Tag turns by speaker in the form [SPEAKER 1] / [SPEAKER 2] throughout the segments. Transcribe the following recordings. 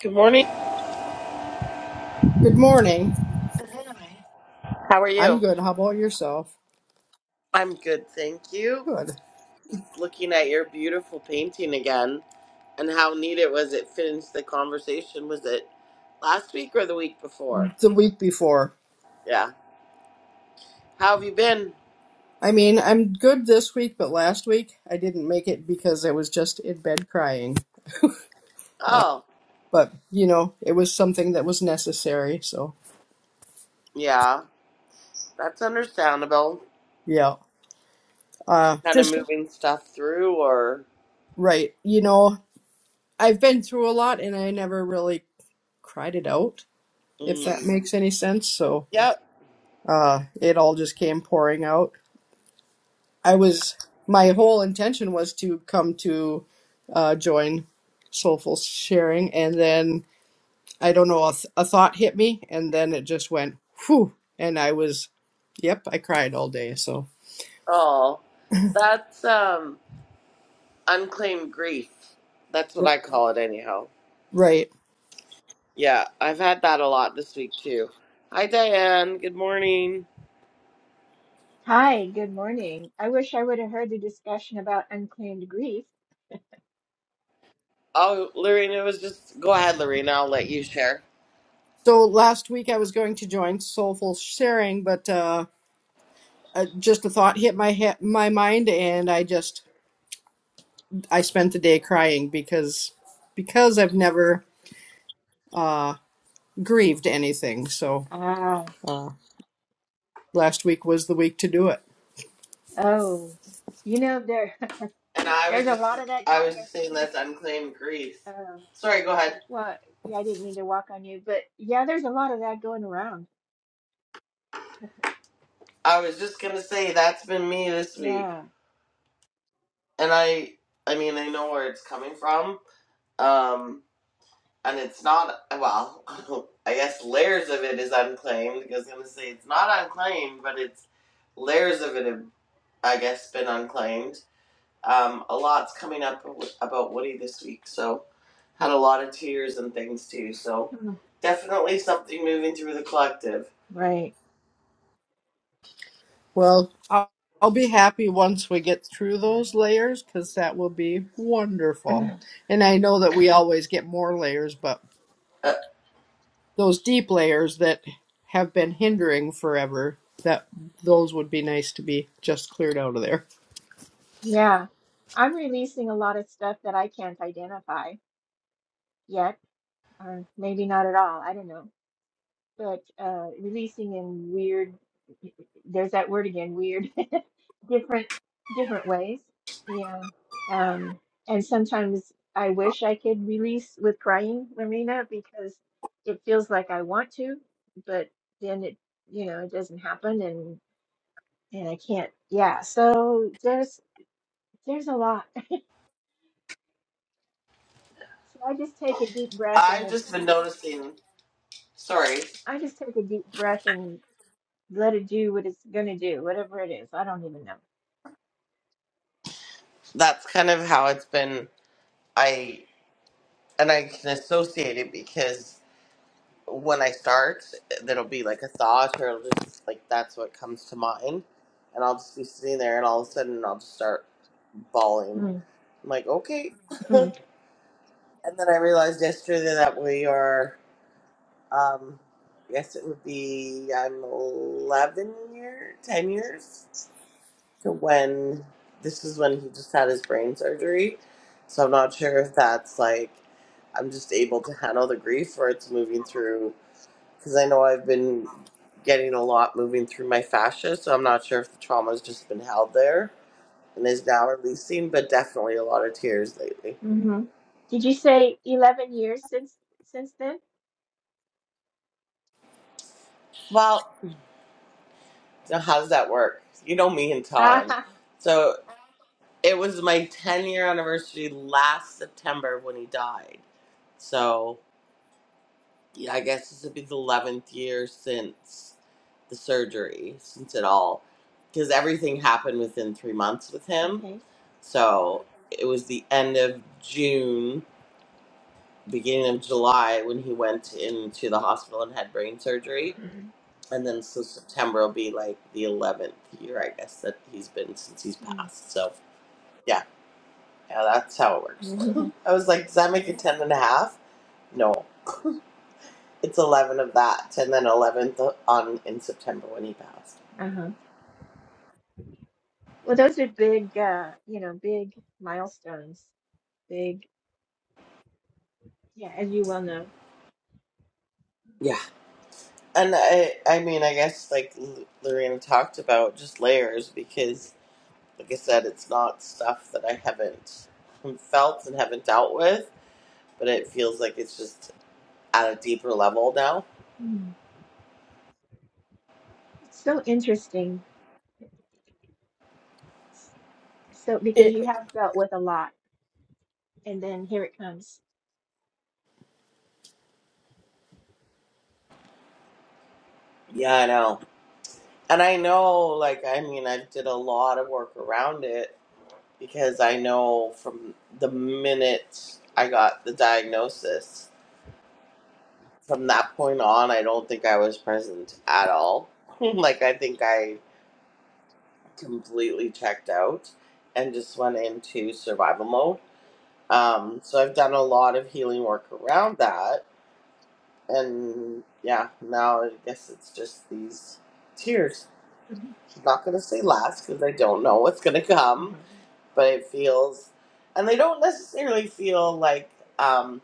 [SPEAKER 1] Good morning.
[SPEAKER 2] Good morning.
[SPEAKER 1] How are
[SPEAKER 2] I'm
[SPEAKER 1] you?
[SPEAKER 2] good. How about yourself?
[SPEAKER 1] I'm good, thank you.
[SPEAKER 2] Good.
[SPEAKER 1] Looking at your beautiful painting again and how neat it was. It finished the conversation. Was it last week or the week before?
[SPEAKER 2] The week before.
[SPEAKER 1] Yeah. How have you been?
[SPEAKER 2] I mean, I'm good this week, but last week I didn't make it because I was just in bed crying.
[SPEAKER 1] Oh,
[SPEAKER 2] But, you know, it was something that was necessary. So,
[SPEAKER 1] yeah. That's understandable.
[SPEAKER 2] yeah. Uh,
[SPEAKER 1] Kind of
[SPEAKER 2] just
[SPEAKER 1] moving stuff through or.
[SPEAKER 2] right. You know, I've been through a lot and I never really cried it out, if that
[SPEAKER 1] Mm.
[SPEAKER 2] makes any sense. So,
[SPEAKER 1] Yep.
[SPEAKER 2] uh, it all just came pouring out. I was my whole intention was to come to uh, join Soulful Sharing, and then I don't know a, th- a thought hit me, and then it just went whew, and I was yep, I cried all day. So
[SPEAKER 1] Oh, that's um unclaimed grief. That's what
[SPEAKER 2] R-
[SPEAKER 1] I call it, anyhow.
[SPEAKER 2] right.
[SPEAKER 1] Yeah, I've had that a lot this week, too. Hi, Diane. Good morning.
[SPEAKER 3] Hi, good morning. I wish I would have heard the discussion about unclaimed grief.
[SPEAKER 1] Oh, Lorena was just go ahead, Lorena. I'll let you share.
[SPEAKER 2] So last week I was going to join Soulful Sharing, but uh, uh, just a thought hit my he- my mind, and I just I spent the day crying because because I've never uh, grieved anything. So
[SPEAKER 3] Ah,
[SPEAKER 2] uh, last week was the week to do it.
[SPEAKER 3] oh, you know there
[SPEAKER 1] And I was
[SPEAKER 3] there's a
[SPEAKER 1] just,
[SPEAKER 3] lot of that
[SPEAKER 1] I
[SPEAKER 3] going.
[SPEAKER 1] was just saying that's unclaimed grief.
[SPEAKER 3] ar- Uh,
[SPEAKER 1] Sorry, go ahead.
[SPEAKER 3] well, yeah, I didn't mean to walk on you, but yeah, there's a lot of that going around.
[SPEAKER 1] I was just gonna say that's been me this week,
[SPEAKER 3] Yeah,
[SPEAKER 1] and I, I mean, I know where it's coming from. Um, and it's not well. I guess layers of it is unclaimed. I was gonna say it's not unclaimed, but it's layers of it have, I guess, been unclaimed. Um, a lot's coming up w- about Woody this week, so had a lot of tears and things too. So
[SPEAKER 3] Mm.
[SPEAKER 1] definitely something moving through the collective.
[SPEAKER 3] right.
[SPEAKER 2] Well, I'll, I'll be happy once we get through those layers because that will be wonderful. And I know that we always get more layers, but
[SPEAKER 1] Uh,
[SPEAKER 2] those deep layers that have been hindering forever, that those would be nice to be just cleared out of there.
[SPEAKER 3] Yeah, I'm releasing a lot of stuff that I can't identify yet, or maybe not at all. I don't know. but uh, releasing in weird, there's that word again, weird, different, different ways. Yeah. Um, and sometimes I wish I could release with crying, Marina, because it feels like I want to, but then it, you know, it doesn't happen and and I can't. Yeah. So there's there's a lot. So I just take a deep breath and
[SPEAKER 1] I've
[SPEAKER 3] we'll-
[SPEAKER 1] just been noticing. Sorry,
[SPEAKER 3] I just take a deep breath and let it do what it's gonna do, whatever it is. I don't even
[SPEAKER 1] that's kind of how it's been. I and I can associate it because when I start, there'll be like a thought, or it'll just like that's what comes to mind, and I'll just be sitting there, and all of a sudden I'll just start bawling.
[SPEAKER 3] know.
[SPEAKER 1] I'm like, okay.
[SPEAKER 3] Mm.
[SPEAKER 1] And then I realized yesterday that we are. Um, yes, it would be um, 11 year, 10 years to when this is when he just had his brain surgery. So I'm not sure if that's like I'm just able to handle the grief or it's moving through because I know I've been getting a lot moving through my fascia. So I'm not sure if the trauma's just been held there and is now releasing, but definitely a lot of tears lately.
[SPEAKER 3] hmm Did you say 11 years since since then?
[SPEAKER 1] Well, so how does that work? You know me in time.
[SPEAKER 3] Ah,
[SPEAKER 1] So It was my 10 year anniversary last September when he died. So, yeah, I guess this would be the 11th year since the surgery, since it all, because everything happened within three months with him.
[SPEAKER 3] okay.
[SPEAKER 1] So, it was the end of June, beginning of July when he went into the hospital and had brain surgery.
[SPEAKER 3] Mhm.
[SPEAKER 1] And then, so September will be like the 11th year, I guess, that he's been since he's passed. So, yeah. Yeah, that's how it works.
[SPEAKER 3] Mhm.
[SPEAKER 1] I was like, does that make it 10 and a half? No. It's 11 of that, and then 11th on in September when he passed.
[SPEAKER 3] Uh-huh. Well, those are big, uh, you know, big milestones. Big, yeah, as you well know.
[SPEAKER 1] Yeah. And I, I mean, I guess like L- Lorena talked about just layers because, like I said, it's not stuff that I haven't felt and haven't dealt with, but it feels like it's just at a deeper level now.
[SPEAKER 3] Mm. It's so interesting. S- So, because you
[SPEAKER 2] It,
[SPEAKER 3] have dealt with a lot, and then here it comes.
[SPEAKER 1] Yeah, I know. And I know, like, I mean, I did a lot of work around it because I know from the minute I got the diagnosis, from that point on, I don't think I was present at all. like, I think I completely checked out and just went into survival mode. Um, so I've done a lot of healing work around that. And yeah, now I guess it's just these tears. I'm not going to say last because I don't know what's going to
[SPEAKER 3] Mm-hmm.
[SPEAKER 1] come, but it feels, and they don't necessarily feel like, um,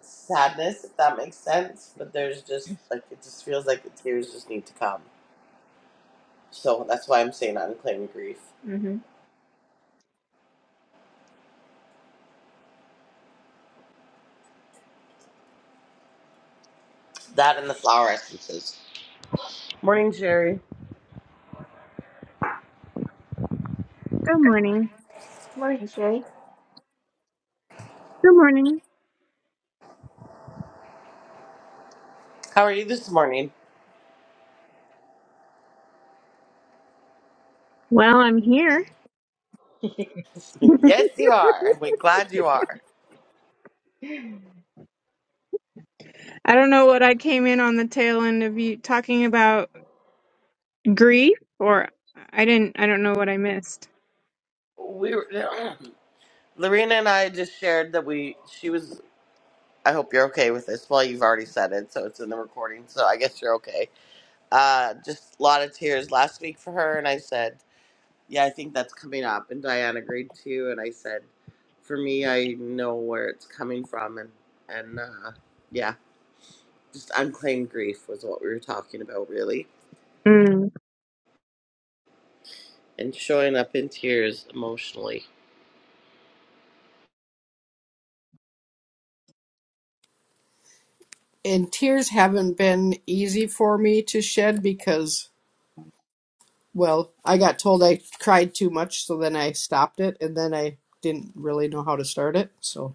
[SPEAKER 1] sadness, if that makes sense. But there's just like it just feels like the tears just need to come. So that's why I'm saying I'm claiming grief.
[SPEAKER 3] hmm
[SPEAKER 1] That and the flower essences. Morning, Sherry.
[SPEAKER 4] Good morning.
[SPEAKER 3] Morning, Shay.
[SPEAKER 4] Good morning.
[SPEAKER 1] How are you this morning?
[SPEAKER 4] Well, I'm here.
[SPEAKER 1] yes, you are. We're glad you are.
[SPEAKER 4] I don't know what I came in on the tail end of you talking about grief, or I didn't, I don't know what I missed.
[SPEAKER 1] We were, Lorena and I just shared that we she was. I hope you're okay with this. Well, you've already said it, so it's in the recording. So I guess you're okay. Uh, just a lot of tears last week for her, and I said. yeah, I think that's coming up. And Diane agreed too. And I said, for me, I know where it's coming from. And, and uh, yeah, just unclaimed grief was what we were talking about, really.
[SPEAKER 4] Mm.
[SPEAKER 1] And showing up in tears emotionally.
[SPEAKER 2] and tears haven't been easy for me to shed because, well, I got told I cried too much, so then I stopped it, and then I didn't really know how to start it. So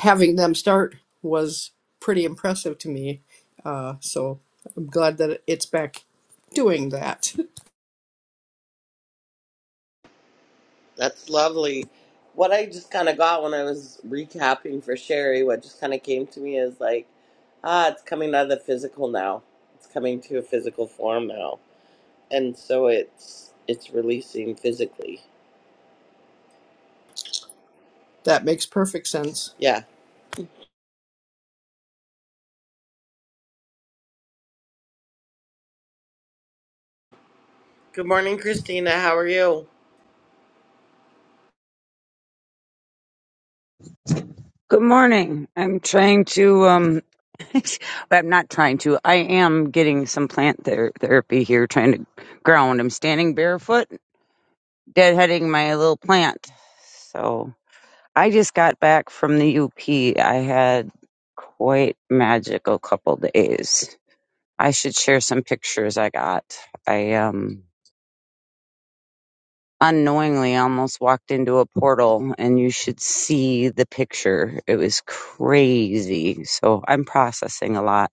[SPEAKER 2] having them start was pretty impressive to me. Uh, so I'm glad that it's back doing that.
[SPEAKER 1] That's lovely. What I just kind of got when I was recapping for Sherry, what just kind of came to me is like, ah, it's coming out of the physical now. It's coming to a physical form now. And so it's it's releasing physically.
[SPEAKER 2] That makes perfect sense.
[SPEAKER 1] Yeah." Good morning, Christina. How are you?
[SPEAKER 5] Good morning. I'm trying to um I'm not trying to. I am getting some plant ther- therapy here trying to ground. I'm standing barefoot, deadheading my little plant. So, I just got back from the UP. I had quite magical couple days. I should share some pictures I got. I um unknowingly almost walked into a portal and you should see the picture. It was crazy. So I'm processing a lot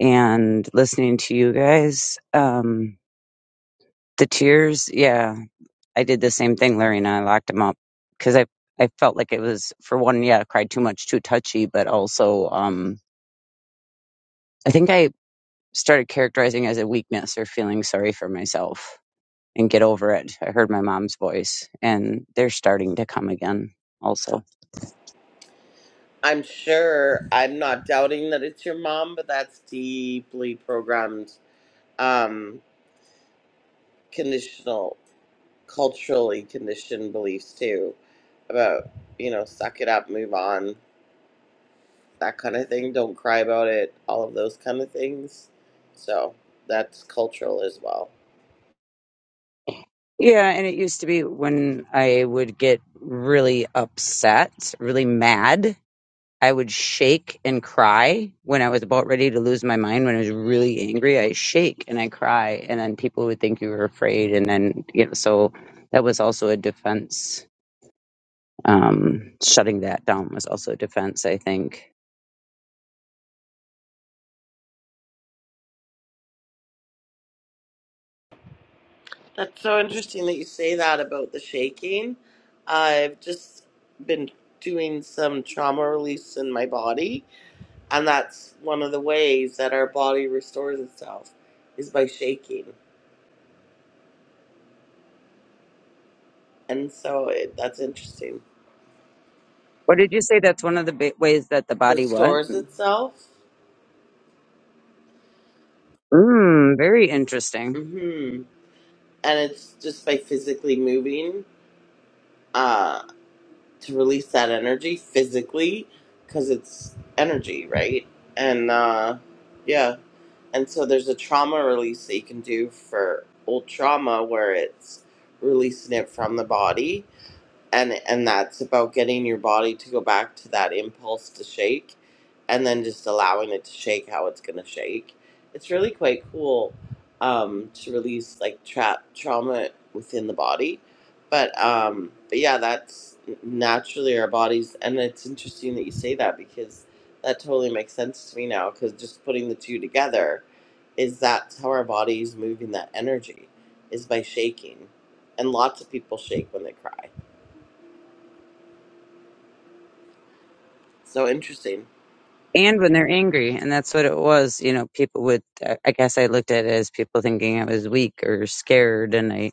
[SPEAKER 5] and listening to you guys. Um, the tears, yeah, I did the same thing, Larry, and I locked him up because I, I felt like it was for one, yeah, I cried too much, too touchy, but also, um, I think I started characterizing as a weakness or feeling sorry for myself and get over it. I heard my mom's voice and they're starting to come again also.
[SPEAKER 1] I'm sure I'm not doubting that it's your mom, but that's deeply programmed, um, conditional, culturally conditioned beliefs too about, you know, suck it up, move on, that kind of thing. Don't cry about it, all of those kind of things. So that's cultural as well.
[SPEAKER 5] Yeah, and it used to be when I would get really upset, really mad, I would shake and cry when I was about ready to lose my mind. When I was really angry, I shake and I cry, and then people would think you were afraid, and then you know, so that was also a defense. Um, shutting that down was also a defense, I think.
[SPEAKER 1] That's so interesting that you say that about the shaking. I've just been doing some trauma release in my body And that's one of the ways that our body restores itself is by shaking. And so it, that's interesting.
[SPEAKER 5] What did you say? That's one of the ba- ways that the body what?
[SPEAKER 1] Restores itself.
[SPEAKER 5] Mm, very interesting.
[SPEAKER 1] hmm And it's just by physically moving uh, to release that energy physically because it's energy, right? And uh, yeah. And so there's a trauma release that you can do for old trauma where it's releasing it from the body and and that's about getting your body to go back to that impulse to shake and then just allowing it to shake how it's going to shake it's really quite cool um to release like trap trauma within the body but um but yeah that's naturally our bodies and it's interesting that you say that because that totally makes sense to me now because just putting the two together is that's how our body is moving that energy is by shaking and lots of people shake when they cry So interesting.
[SPEAKER 5] and when they're angry and that's what it was you know people would i guess i looked at it as people thinking i was weak or scared and i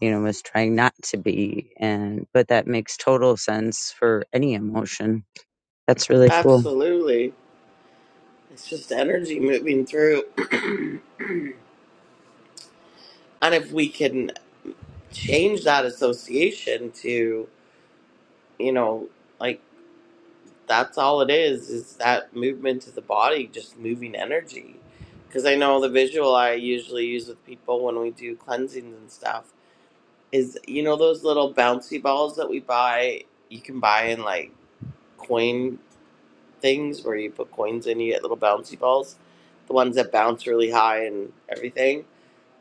[SPEAKER 5] you know was trying not to be and but that makes total sense for any emotion that's really cool
[SPEAKER 1] Absolutely. It's just energy moving through. And if we can change that association to, you know, like that's all it is, is that movement to the body, just moving energy. Because I know the visual I usually use with people when we do cleansings and stuff is, you know, those little bouncy balls that we buy, you can buy in like coin things where you put coins in, you get little bouncy balls, the ones that bounce really high and everything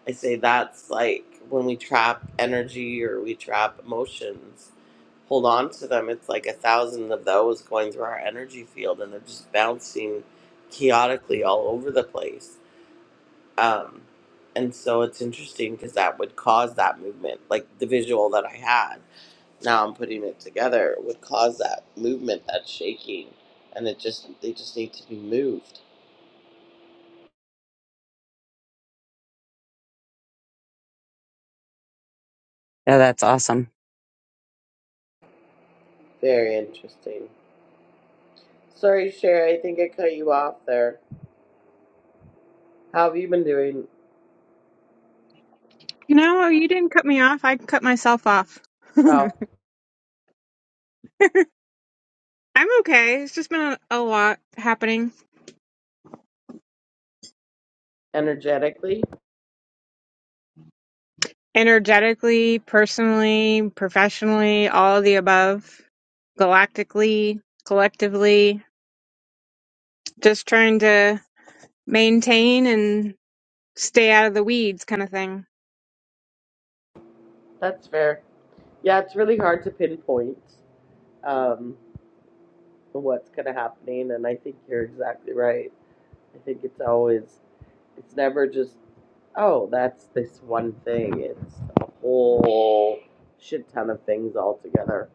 [SPEAKER 1] I say that's like when we trap energy or we trap emotions, hold on to them. It's like a thousand of those going through our energy field and they're just bouncing chaotically all over the place. Um, and so it's interesting because that would cause that movement. Like the visual that I had, now I'm putting it together, would cause that movement, that shaking. And it just, they just need to be moved.
[SPEAKER 5] yeah that's awesome
[SPEAKER 1] Very interesting. Sorry, Sherry, I think I cut you off there. How have you been doing?
[SPEAKER 4] No, you didn't cut me off. I cut myself off. I'm
[SPEAKER 1] Oh,
[SPEAKER 4] okay. It's just been a, a lot happening
[SPEAKER 1] energetically,
[SPEAKER 4] energetically, personally, professionally, all of the above, galactically, collectively, just trying to maintain and stay out of the weeds kind of thing.
[SPEAKER 1] that's fair. Yeah, it's really hard to pinpoint um, what's kind of happening, and I think you're exactly right. I think it's always, it's never just, oh, that's this one thing. It's a whole shit ton of things all together.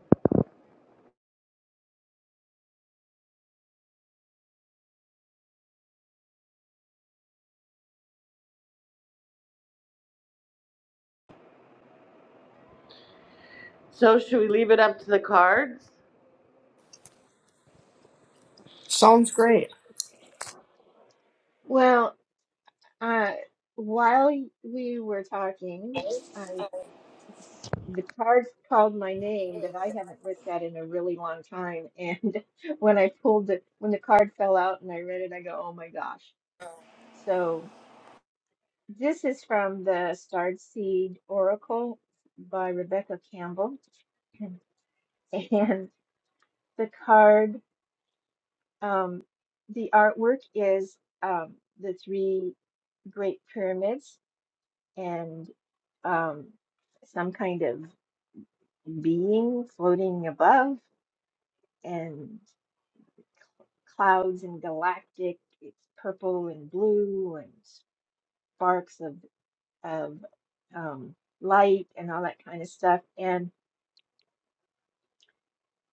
[SPEAKER 1] So, should we leave it up to the cards?
[SPEAKER 2] Sounds great.
[SPEAKER 3] Well, uh, while y- we were talking, the cards called my name that I haven't looked at in a really long time. And when I pulled it, when the card fell out and I read it, I go, oh my gosh. So this is from the Starred Seed Oracle by Rebecca Campbell. And the card, um, the artwork is um, the three great pyramids and um, some kind of being floating above. And clouds and galactic. It's purple and blue and sparks of of um, light and all that kind of stuff. And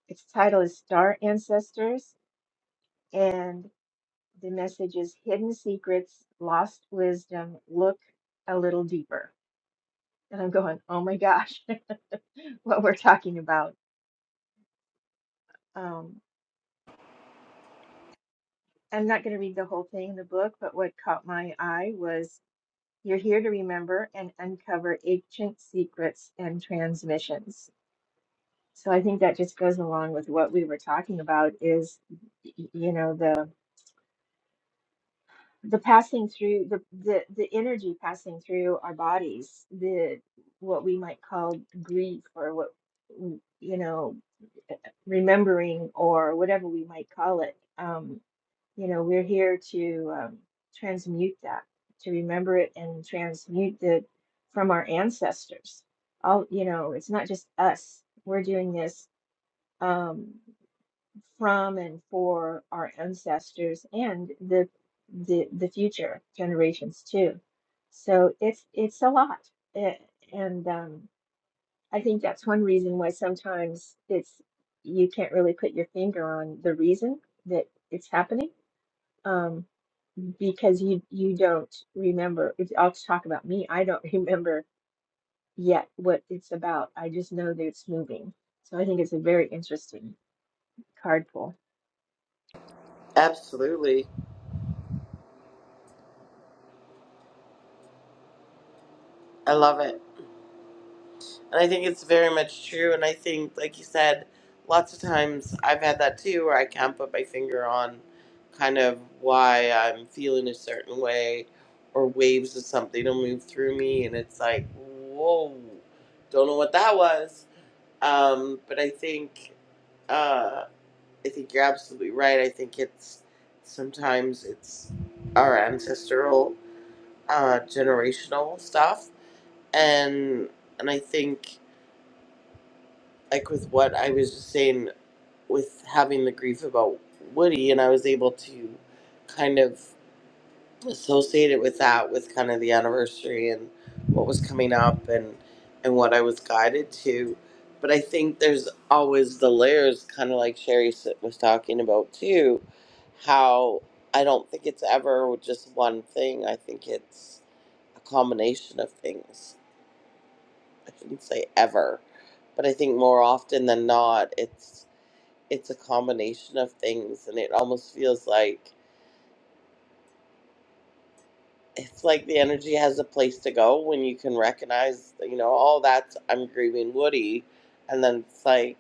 [SPEAKER 3] its title is Star Ancestors, and the message is Hidden Secrets, Lost Wisdom. Look a little deeper. And I'm going, oh my gosh, what we're talking about. Um, I'm not going to read the whole thing in the book, but what caught my eye was You're here to remember and uncover ancient secrets and transmissions. So I think that just goes along with what we were talking about is, y- you know, the the passing through the the, the energy passing through our bodies, the what we might call grief or what you know remembering or whatever we might call it. Um, you know, we're here to um, transmute that, to remember it and transmute it from our ancestors. All, you know, it's not just us. We're doing this um, from and for our ancestors and the the the future generations too. So it's it's a lot, A- and um, I think that's one reason why sometimes it's you can't really put your finger on the reason that it's happening. Um, because you you don't remember. If, I'll just talk about me. I don't remember yet what it's about. I just know that it's moving. So I think it's a very interesting card pull.
[SPEAKER 1] Absolutely, I love it. And I think it's very much true. And I think, like you said, lots of times I've had that too, where I can't put my finger on kind of why I'm feeling a certain way or waves of something will move through me. And it's like, whoa, don't know what that was. Um, but I think, uh, I think you're absolutely right. I think it's sometimes it's our ancestral, uh, generational stuff. And, and I think like with what I was just saying with having the grief about Woody, and I was able to kind of associate it with that, with kind of the anniversary and what was coming up and and what I was guided to. But I think there's always the layers, kind of like Sherry s- was talking about too, how I don't think it's ever just one thing. I think it's a combination of things. I shouldn't say ever, but I think more often than not, it's it's a combination of things and it almost feels like it's like the energy has a place to go when you can recognize you know oh, that's i'm grieving woody and then it's like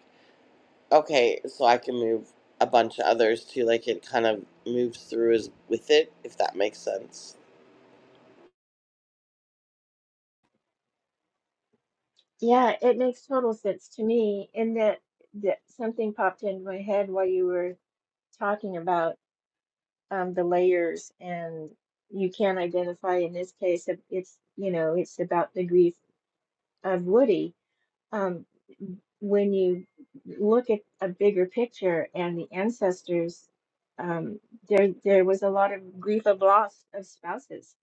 [SPEAKER 1] okay so i can move a bunch of others too like it kind of moves through as with it if that makes sense
[SPEAKER 3] Yeah, it makes total sense to me. In that that something popped into my head while you were talking about um, the layers, and you can identify. In this case, it- it's you know it's about the grief of Woody um, when you look at a bigger picture and the ancestors, um, there there was a lot of grief of loss of spouses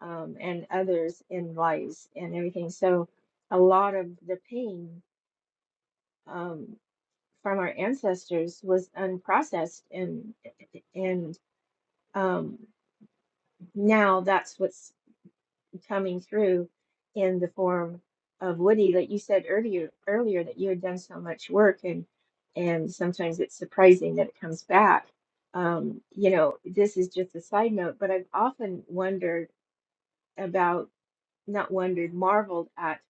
[SPEAKER 3] um, and others in lives and everything. So a lot of the pain um, from our ancestors was unprocessed and and um, now that's what's coming through in the form of Woody that you said earlier earlier that you had done so much work and and sometimes it's surprising that it comes back. Um, you know, this is just a side note, but I've often wondered about, not wondered, marveled at.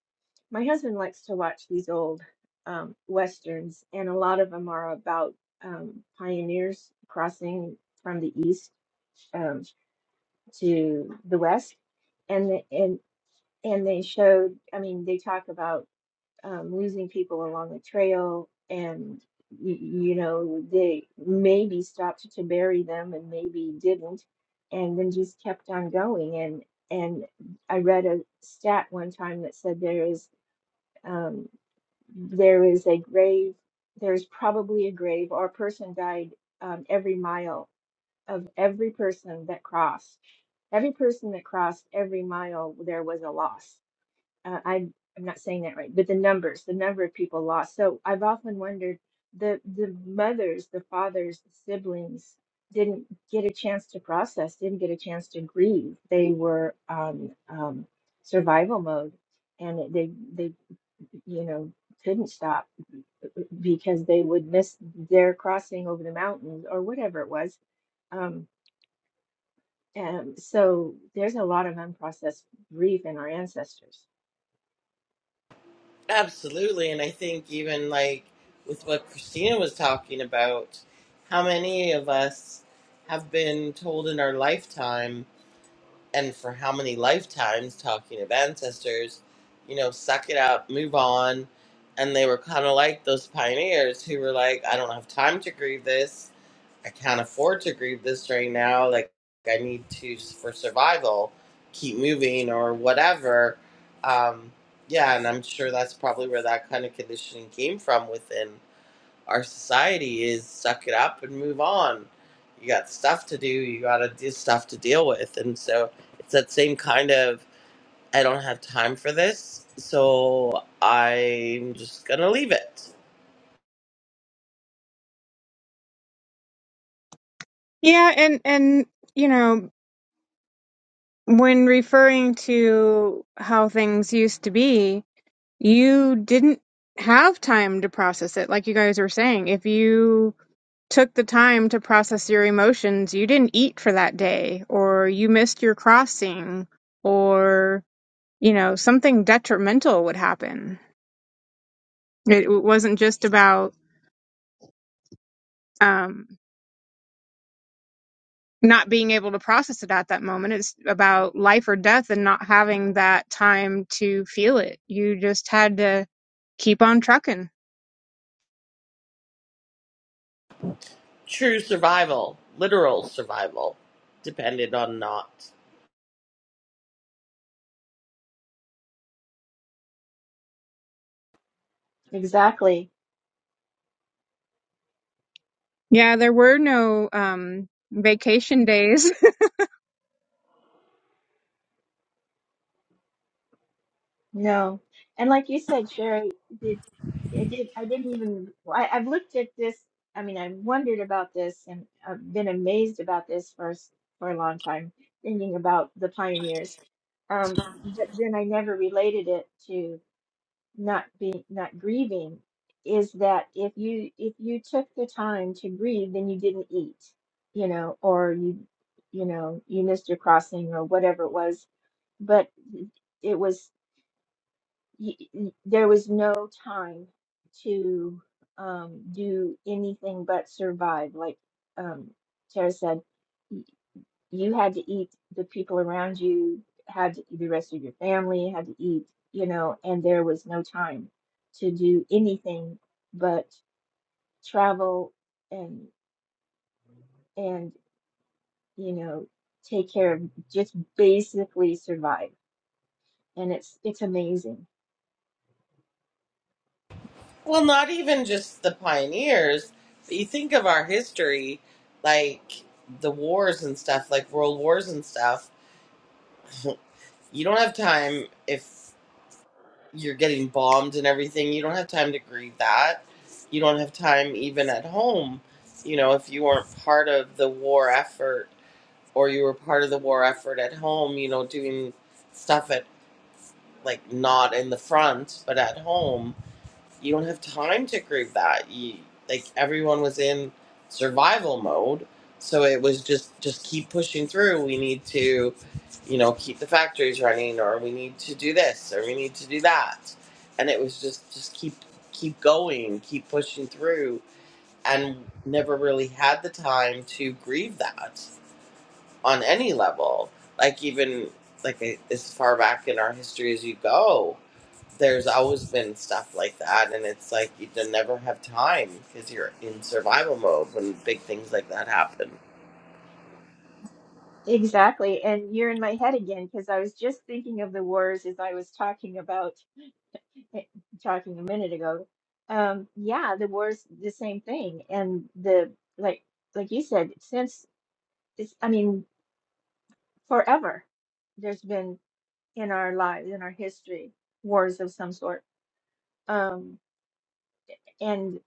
[SPEAKER 3] My husband likes to watch these old um, westerns, and a lot of them are about um, pioneers crossing from the east um, to the west, and the, and and they showed i mean they talk about um, losing people along the trail and y- you know they maybe stopped to bury them and maybe didn't and then just kept on going and and i read a stat one time that said there is um, there is a grave there's probably a grave or a person died um, every mile of every person that crossed every person that crossed every mile there was a loss uh, I I'm not saying that right, but the numbers, the number of people lost. So I've often wondered the the mothers, the fathers, the siblings didn't get a chance to process, didn't get a chance to grieve. They were on um, survival mode, and they they you know couldn't stop because they would miss their crossing over the mountains or whatever it was. Um, and so there's a lot of unprocessed grief in our ancestors.
[SPEAKER 1] Absolutely, and I think even like with what Christina was talking about, how many of us have been told in our lifetime, and for how many lifetimes, talking of ancestors, you know, suck it up, move on. And they were kind of like those pioneers who were like, I don't have time to grieve this. I can't afford to grieve this right now. Like I need to for survival, keep moving or whatever. Um, yeah, and I'm sure that's probably where that kind of conditioning came from within our society is suck it up and move on. You got stuff to do, you gotta do stuff to deal with. And so it's that same kind of I don't have time for this, so I'm just gonna leave it.
[SPEAKER 4] Yeah, and and you know, when referring to how things used to be, you didn't have time to process it, like you guys were saying. If you took the time to process your emotions, you didn't eat for that day, or you missed your crossing, or you know, something detrimental would happen. It, it wasn't just about um not being able to process it at that moment. It's about life or death and not having that time to feel it. You just had to keep on trucking.
[SPEAKER 1] True survival, literal survival, dependent on not.
[SPEAKER 3] Exactly.
[SPEAKER 4] Yeah, there were no um, vacation days.
[SPEAKER 3] No. And like you said, Sherry, did I did I didn't even well, I, I've looked at this. I mean, I've wondered about this and I've been amazed about this for s- for a long time, thinking about the pioneers. Um, but then I never related it to not being not grieving. Is that if you if you took the time to grieve, then you didn't eat, you know, or you you know you missed your crossing or whatever it was. But it was y- y- there was no time to um, do anything but survive. Like um, Tara said, y- you had to eat the people around you, had to, the rest of your family had to eat, you know, and there was no time to do anything but travel and and you know take care of just basically survive. And it's it's amazing
[SPEAKER 1] Well, not even just the pioneers. You think of our history, like the wars and stuff, like world wars and stuff. You don't have time if you're getting bombed and everything. You don't have time to grieve that. You don't have time even at home. You know, if you weren't part of the war effort or you were part of the war effort at home, you know, doing stuff at like not in the front, but at home you don't have time to grieve that. You like everyone was in survival mode, so it was just just keep pushing through. We need to, you know, keep the factories running, or we need to do this, or we need to do that, and it was just just keep keep going, keep pushing through, and never really had the time to grieve that on any level. Like even like a- as far back in our history as you go, there's always been stuff like that, and it's like you don't never have time because you're in survival mode when big things like that happen.
[SPEAKER 3] Exactly. And you're in my head again because I was just thinking of the wars as I was talking about talking a minute ago. Um, yeah, the wars, the same thing. And the like like you said, since it's I mean, forever there's been in our lives, in our history, wars of some sort. Um, and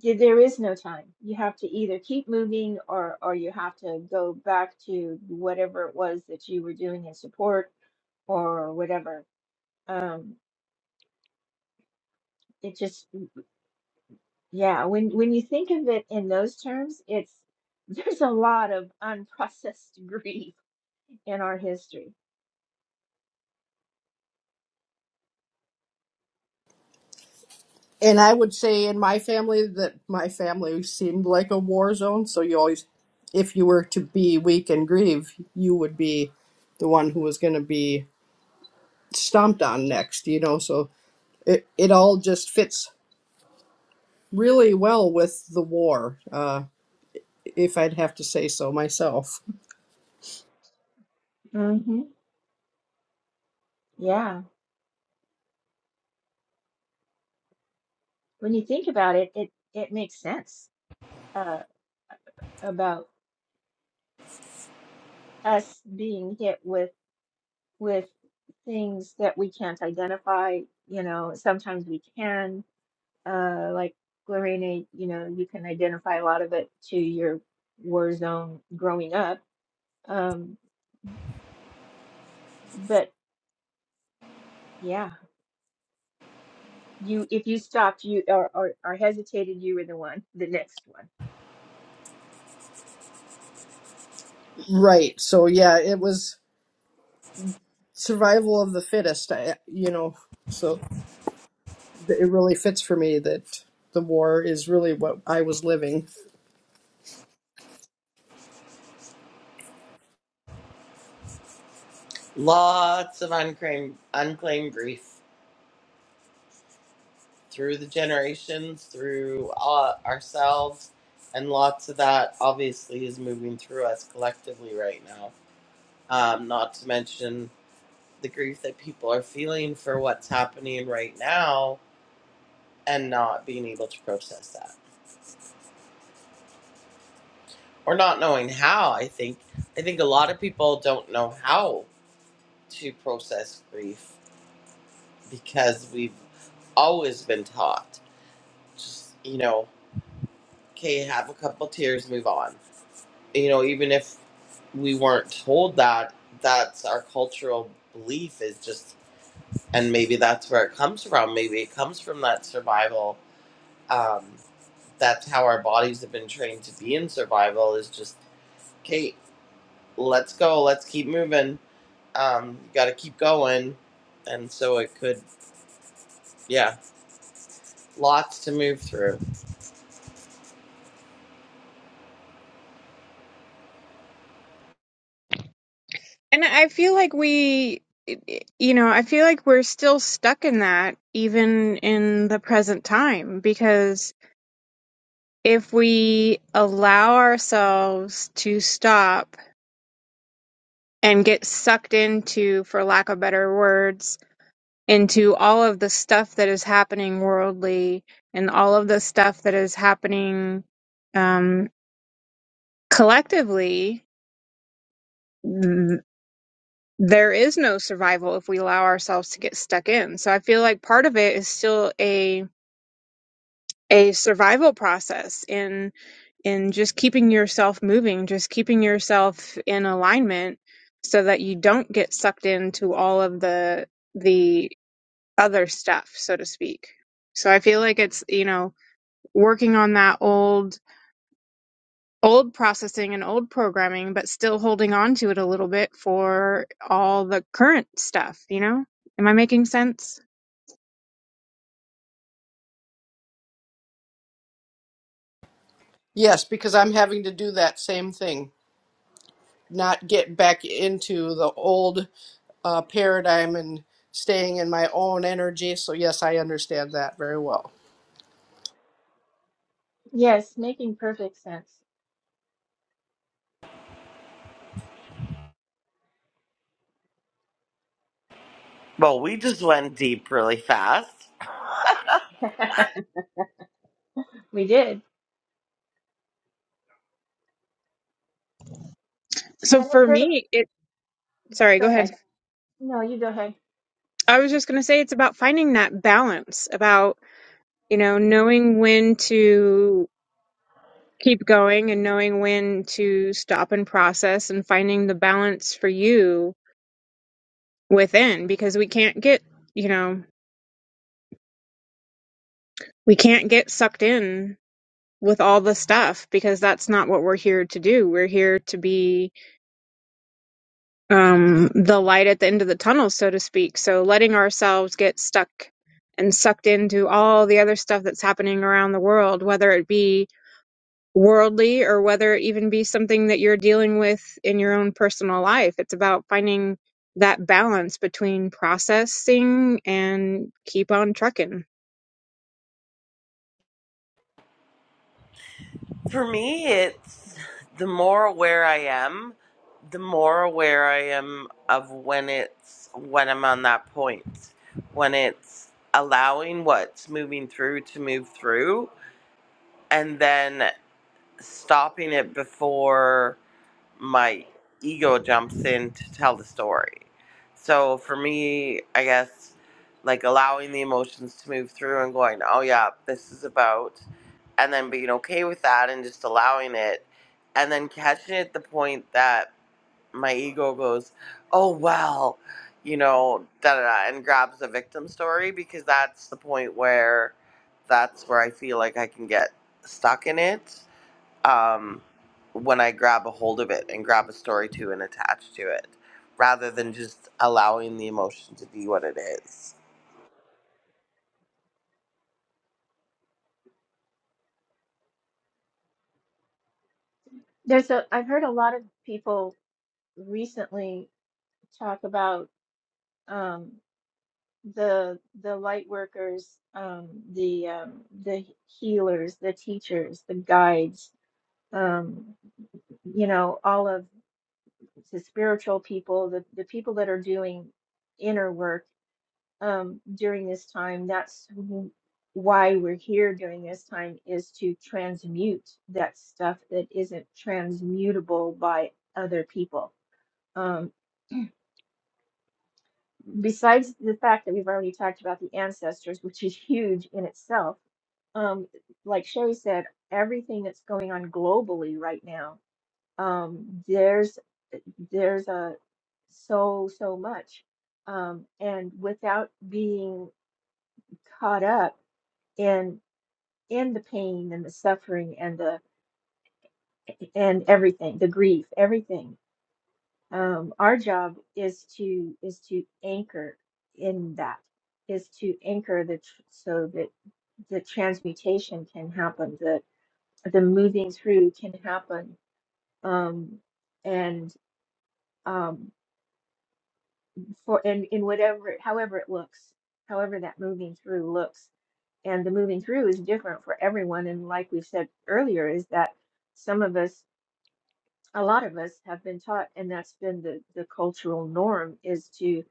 [SPEAKER 3] th- there is no time. You have to either keep moving or or you have to go back to whatever it was that you were doing in support or whatever Um, it just, yeah, when when you think of it in those terms, it's there's a lot of unprocessed grief in our history.
[SPEAKER 2] And I would say in my family that my family seemed like a war zone. So you always, if you were to be weak and grieve, you would be the one who was going to be stomped on next, you know? So it, it all just fits really well with the war, uh, if I'd have to say so myself.
[SPEAKER 3] hmm Yeah, when you think about it, it it makes sense uh, about us being hit with with things that we can't identify. You know, sometimes we can, uh, like Lorena, you know, you can identify a lot of it to your war zone growing up. Um, but yeah. You, if you stopped, you or, or, or hesitated, you were the one, the next one.
[SPEAKER 2] Right. So yeah, it was survival of the fittest. I, you know, so th- it really fits for me that the war is really what I was living.
[SPEAKER 1] Lots of unclaimed unclaimed grief through the generations, through uh, ourselves, and lots of that obviously is moving through us collectively right now. Um, not to mention the grief that people are feeling for what's happening right now and not being able to process that. or not knowing how i think i think a lot of people don't know how to process grief because we've always been taught just you know okay have a couple tears move on you know even if we weren't told that that's our cultural belief is just and maybe that's where it comes from maybe it comes from that survival um, that's how our bodies have been trained to be in survival is just okay let's go let's keep moving um, you got to keep going, and so it could, yeah, lots to move through.
[SPEAKER 4] and I feel like we, you know, I feel like we're still stuck in that even in the present time because if we allow ourselves to stop and get sucked into, for lack of better words, into all of the stuff that is happening worldly and all of the stuff that is happening um, collectively, th- there is no survival if we allow ourselves to get stuck in. So I feel like part of it is still a a survival process in in just keeping yourself moving, just keeping yourself in alignment so that you don't get sucked into all of the the other stuff, so to speak. So I feel like it's, you know, working on that old old processing and old programming but still holding on to it a little bit for all the current stuff you know am i making sense
[SPEAKER 2] Yes, because I'm having to do that same thing, not get back into the old uh, paradigm and staying in my own energy. So yes, I understand that very well.
[SPEAKER 3] Yes, making perfect sense.
[SPEAKER 1] Well, we just went deep really fast.
[SPEAKER 3] We did.
[SPEAKER 4] so
[SPEAKER 3] And I've
[SPEAKER 4] for
[SPEAKER 3] heard of,
[SPEAKER 4] me it sorry
[SPEAKER 3] go
[SPEAKER 4] go ahead
[SPEAKER 3] ahead. No, you go ahead.
[SPEAKER 4] i was just going to say it's about finding that balance about you know knowing when to keep going and knowing when to stop and process and finding the balance for you within because we can't get you know we can't get sucked in with all the stuff because that's not what we're here to do. We're here to be um, the light at the end of the tunnel, so to speak. So letting ourselves get stuck and sucked into all the other stuff that's happening around the world, whether it be worldly or whether it even be something that you're dealing with in your own personal life. It's about finding that balance between processing and keep on trucking.
[SPEAKER 1] For me, it's the more aware I am, the more aware I am of when it's when I'm on that point, when it's allowing what's moving through to move through, and then stopping it before my ego jumps in to tell the story. So for me, I guess like allowing the emotions to move through and going, oh yeah, this is about, and then being okay with that and just allowing it, and then catching it at the point that my ego goes, oh well, you know, da da da, and grabs the victim story because that's the point where that's where I feel like I can get stuck in it um, when I grab a hold of it and grab a story to and attach to it, rather than just allowing the emotion to be what it is.
[SPEAKER 3] There's a, I've heard a lot of people recently talk about um, the the light workers, um, the um, the healers, the teachers, the guides, um, you know, all of the spiritual people, the, the people that are doing inner work um, during this time. That's w- why we're here during this time is to transmute that stuff that isn't transmutable by other people. Um, besides the fact that we've already talked about the ancestors, which is huge in itself, um, like Sherry said, everything that's going on globally right now, um, there's there's a so so much, um, and without being caught up in in the pain and the suffering and the and everything the grief everything um our job is to is to anchor in that is to anchor the tr- so that the transmutation can happen the the moving through can happen um and um for and in whatever however it looks however that moving through looks and the moving through is different for everyone and like we said earlier is that some of us a lot of us have been taught, and that's been the, the cultural norm is to,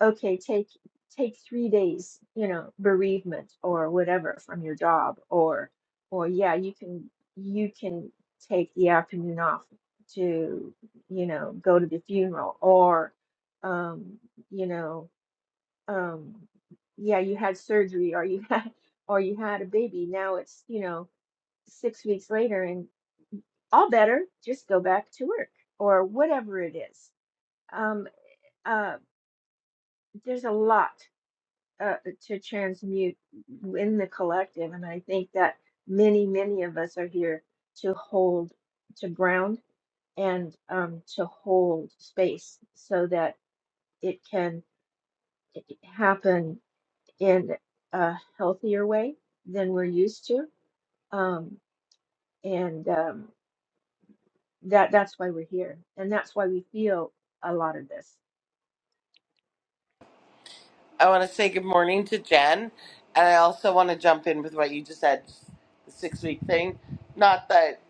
[SPEAKER 3] okay, take take three days, you know, bereavement or whatever from your job or or yeah, you can you can take the afternoon off to, you know, go to the funeral or um, you know, um yeah, you had surgery or you had or you had a baby. Now it's, you know, six weeks later and all better, just go back to work or whatever it is. Um, uh, there's a lot uh, to transmute in the collective, and I think that many, many of us are here to hold, to ground, and um, to hold space so that it can happen in a healthier way than we're used to. Um, and um, that that's why we're here, and that's why we feel a lot of this.
[SPEAKER 1] I want to say good morning to Jen, and I also want to jump in with what you just said, the six week thing. Not that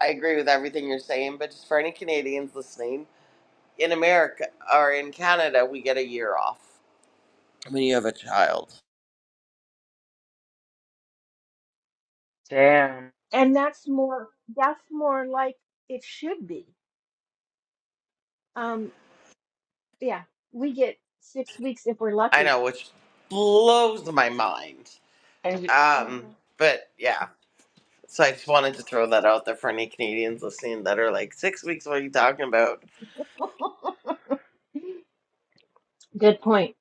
[SPEAKER 1] I agree with everything you're saying, but just for any Canadians listening, in America or in Canada, we get a year off when you have a child.
[SPEAKER 6] Damn.
[SPEAKER 3] and that's more that's more like it should be um yeah we get six weeks if we're
[SPEAKER 1] I
[SPEAKER 3] lucky
[SPEAKER 1] know, which blows my mind.
[SPEAKER 6] And you
[SPEAKER 1] Um,
[SPEAKER 3] hmm
[SPEAKER 1] but yeah. So I just wanted to throw that out there for any Canadians listening that are like, six weeks, what are you talking about?
[SPEAKER 3] good point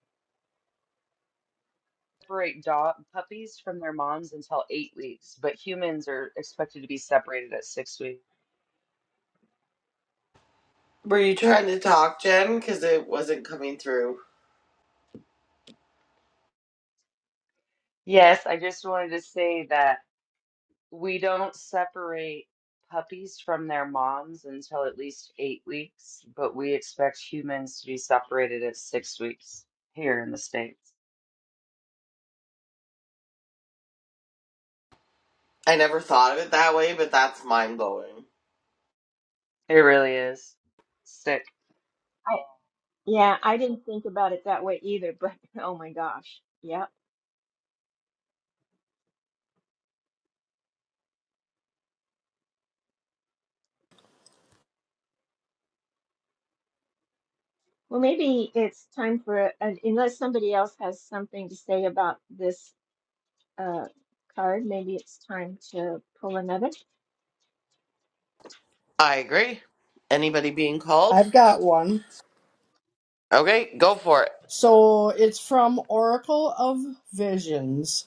[SPEAKER 6] separate dog puppies from their moms until eight weeks, but humans are expected to be separated at six weeks.
[SPEAKER 1] Were you trying to talk, Jen? Because it wasn't coming through.
[SPEAKER 6] Yes, I just wanted to say that we don't separate puppies from their moms until at least eight weeks, but we expect humans to be separated at six weeks here in the States.
[SPEAKER 1] I never thought of it that way, but that's mind blowing.
[SPEAKER 6] It really is sick.
[SPEAKER 3] i yeah i didn't think about it that way either but oh my gosh yeah well maybe it's time for a, an, unless somebody else has something to say about this uh card maybe it's time to pull another
[SPEAKER 1] I agree. Anybody being called?
[SPEAKER 2] I've got one.
[SPEAKER 1] Okay, go for it.
[SPEAKER 2] So it's from Oracle of Visions.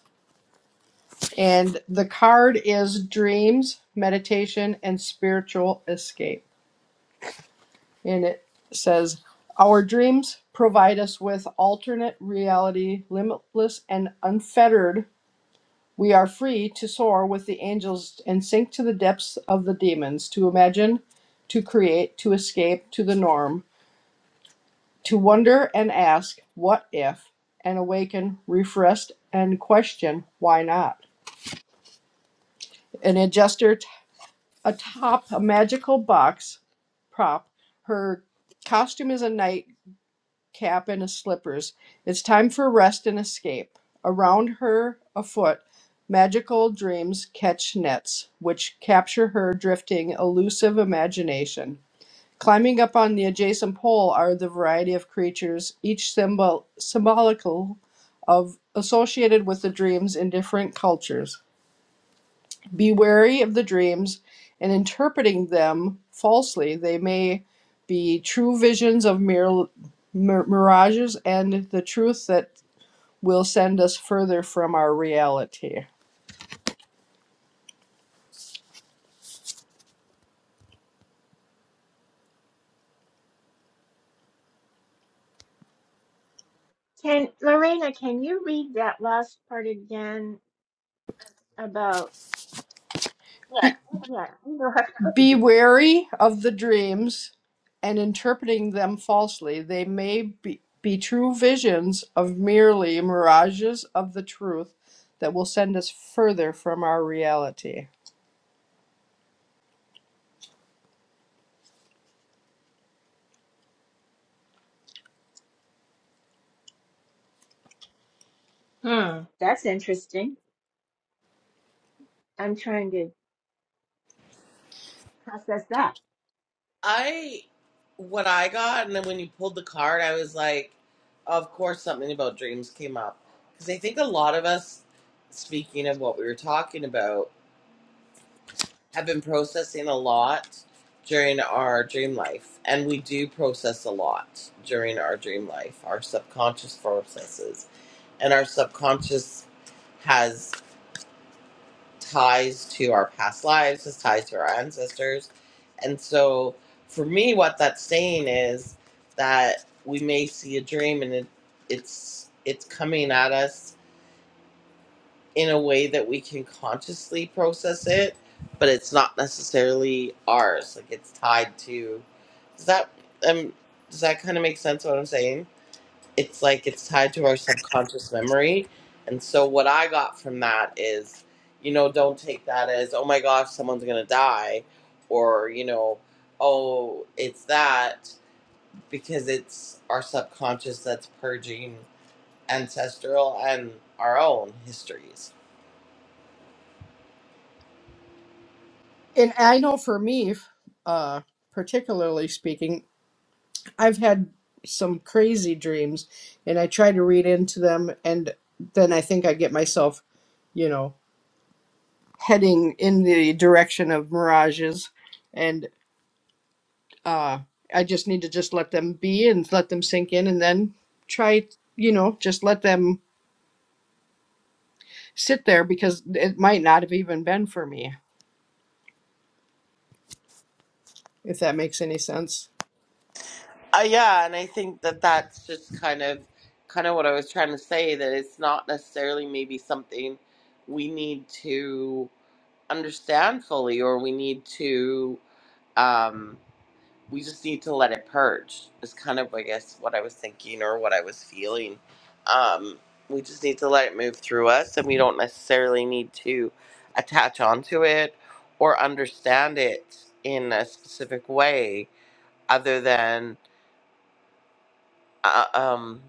[SPEAKER 2] And the card is dreams, meditation, and spiritual escape. And it says, Our dreams provide us with alternate reality, limitless and unfettered. We are free to soar with the angels and sink to the depths of the demons, to imagine, to create, to escape to the norm, to wonder and ask, What if? and awaken, refreshed, and question, Why not? An adjuster atop a magical box prop. Her costume is a nightcap and a slippers. It's time for rest and escape. Around her, afoot, magical dreams catch nets, which capture her drifting, elusive imagination. Climbing up on the adjacent pole are the variety of creatures, each symbol symbolical of associated with the dreams in different cultures. Be wary of the dreams and interpreting them falsely. They may be true visions of mir- mir- mirages and the truth that will send us further from our reality.
[SPEAKER 3] can lorena can you read that last part again about yeah you know how to cook
[SPEAKER 2] Be
[SPEAKER 3] again.
[SPEAKER 2] wary of the dreams and interpreting them falsely. They may be, be true visions of merely mirages of the truth that will send us further from our reality.
[SPEAKER 3] Hmm. That's interesting. I'm trying to process that.
[SPEAKER 1] I what I got, and then when you pulled the card, I was like, of course, something about dreams came up because I think a lot of us, speaking of what we were talking about. have been processing a lot during our dream life, and we do process a lot during our dream life. Our subconscious processes, and our subconscious has ties to our past lives, has ties to our ancestors, and so for me, what that's saying is that we may see a dream, and it, it's it's coming at us in a way that we can consciously process it, but it's not necessarily ours. Like it's tied to. Does that um does that kind of make sense? What I'm saying? It's like it's tied to our subconscious memory, and so what I got from that is, you know, don't take that as oh my gosh, someone's gonna die, or you know, oh it's that because it's our subconscious that's purging ancestral and our own histories
[SPEAKER 2] And I know for me, uh, particularly speaking, I've had some crazy dreams and I try to read into them and then I think I get myself, you know, heading in the direction of mirages and uh I just need to just let them be and let them sink in and then try, you know, just let them sit there because it might not have even been for me, if that makes any sense.
[SPEAKER 1] Uh, yeah, and I think that that's just kind of kind of what I was trying to say that it's not necessarily maybe something we need to understand fully or we need to um we just need to let it purge is kind of I guess what I was thinking or what I was feeling. Um we just need to let it move through us and we don't necessarily need to attach onto it or understand it in a specific way other than uh, um,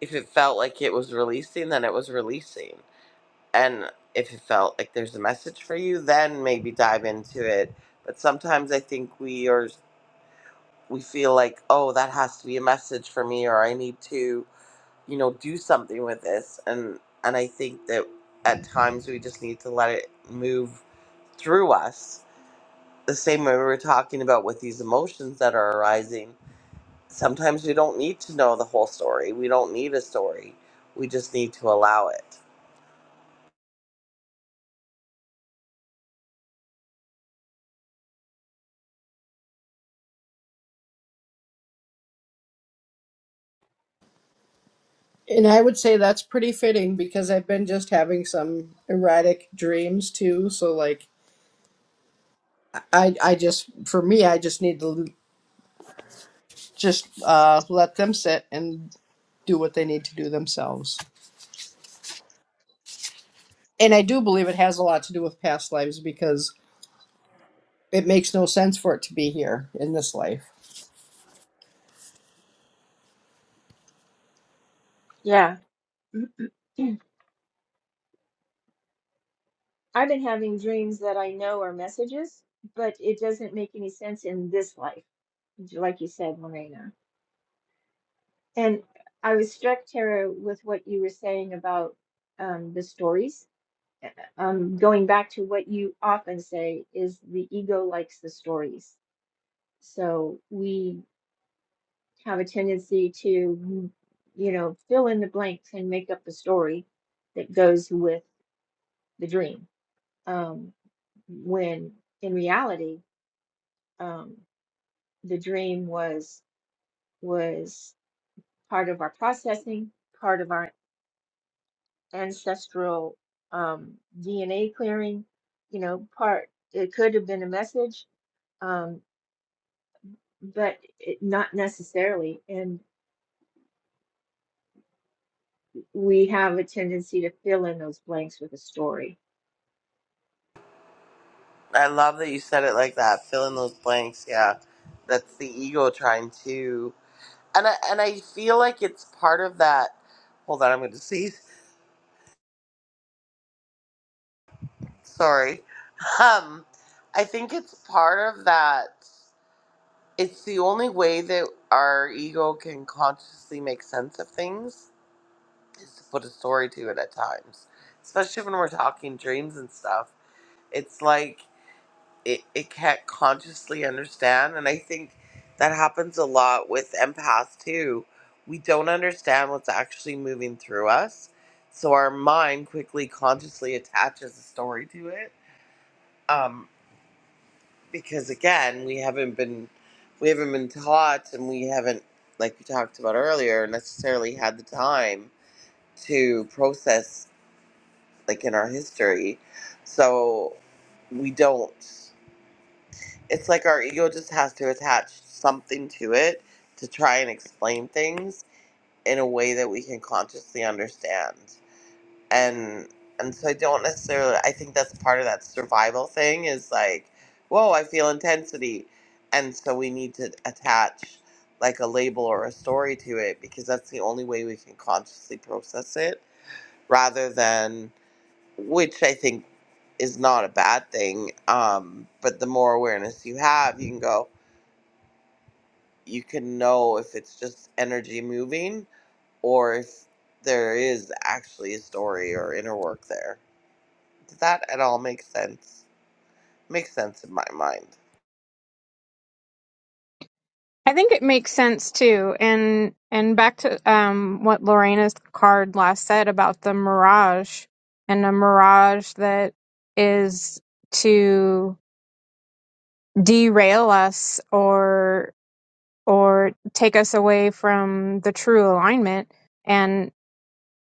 [SPEAKER 1] if it felt like it was releasing, then it was releasing. And if it felt like there's a message for you, then maybe dive into it. But sometimes I think we are we feel like, oh, that has to be a message for me, or I need to, you know, do something with this. And and I think that at times we just need to let it move through us. The same way we were talking about with these emotions that are arising Sometimes we don't need to know the whole story. We don't need a story. We just need to allow it.
[SPEAKER 2] And I would say that's pretty fitting because I've been just having some erratic dreams too, so like I, I just, for me, I just need to just uh, let them sit and do what they need to do themselves. And I do believe it has a lot to do with past lives because it makes no sense for it to be here in this life.
[SPEAKER 3] Yeah. I've been having dreams that I know are messages, but it doesn't make any sense in this life, j- like you said, Lorena. And I was struck, Tara, with what you were saying about um, the stories. Uh, Um, going back to what you often say is the ego likes the stories. So we have a tendency to, mm, you know, fill in the blanks and make up the story that goes with the dream. Um, when in reality, um, the dream was was part of our processing, part of our ancestral um, DNA clearing. You know, part it could have been a message, um, but it, not necessarily. And we have a tendency to fill in those blanks with a story.
[SPEAKER 1] I love that you said it like that. Fill in those blanks. Yeah, that's the ego trying to, and I and I feel like it's part of that. Hold on, I'm going to sneeze. Sorry. Um, I think it's part of that. It's the only way that our ego can consciously make sense of things is to put a story to it at times, especially when we're talking dreams and stuff. it's like it, it can't consciously understand and i think that happens a lot with empaths too we don't understand what's actually moving through us so our mind quickly consciously attaches a story to it um, because again we haven't been we haven't been taught and we haven't like we talked about earlier necessarily had the time to process like in our history so we don't it's like our ego just has to attach something to it to try and explain things in a way that we can consciously understand and and so i don't necessarily i think that's part of that survival thing is like whoa i feel intensity and so we need to attach like a label or a story to it because that's the only way we can consciously process it rather than which i think is not a bad thing um, but the more awareness you have you can go you can know if it's just energy moving or if there is actually a story or inner work there. Does that at all make sense? Makes sense in my mind.
[SPEAKER 4] I think it makes sense too. And and back to um what Lorena's card last said about the mirage and a mirage that is to derail us or or take us away from the true alignment and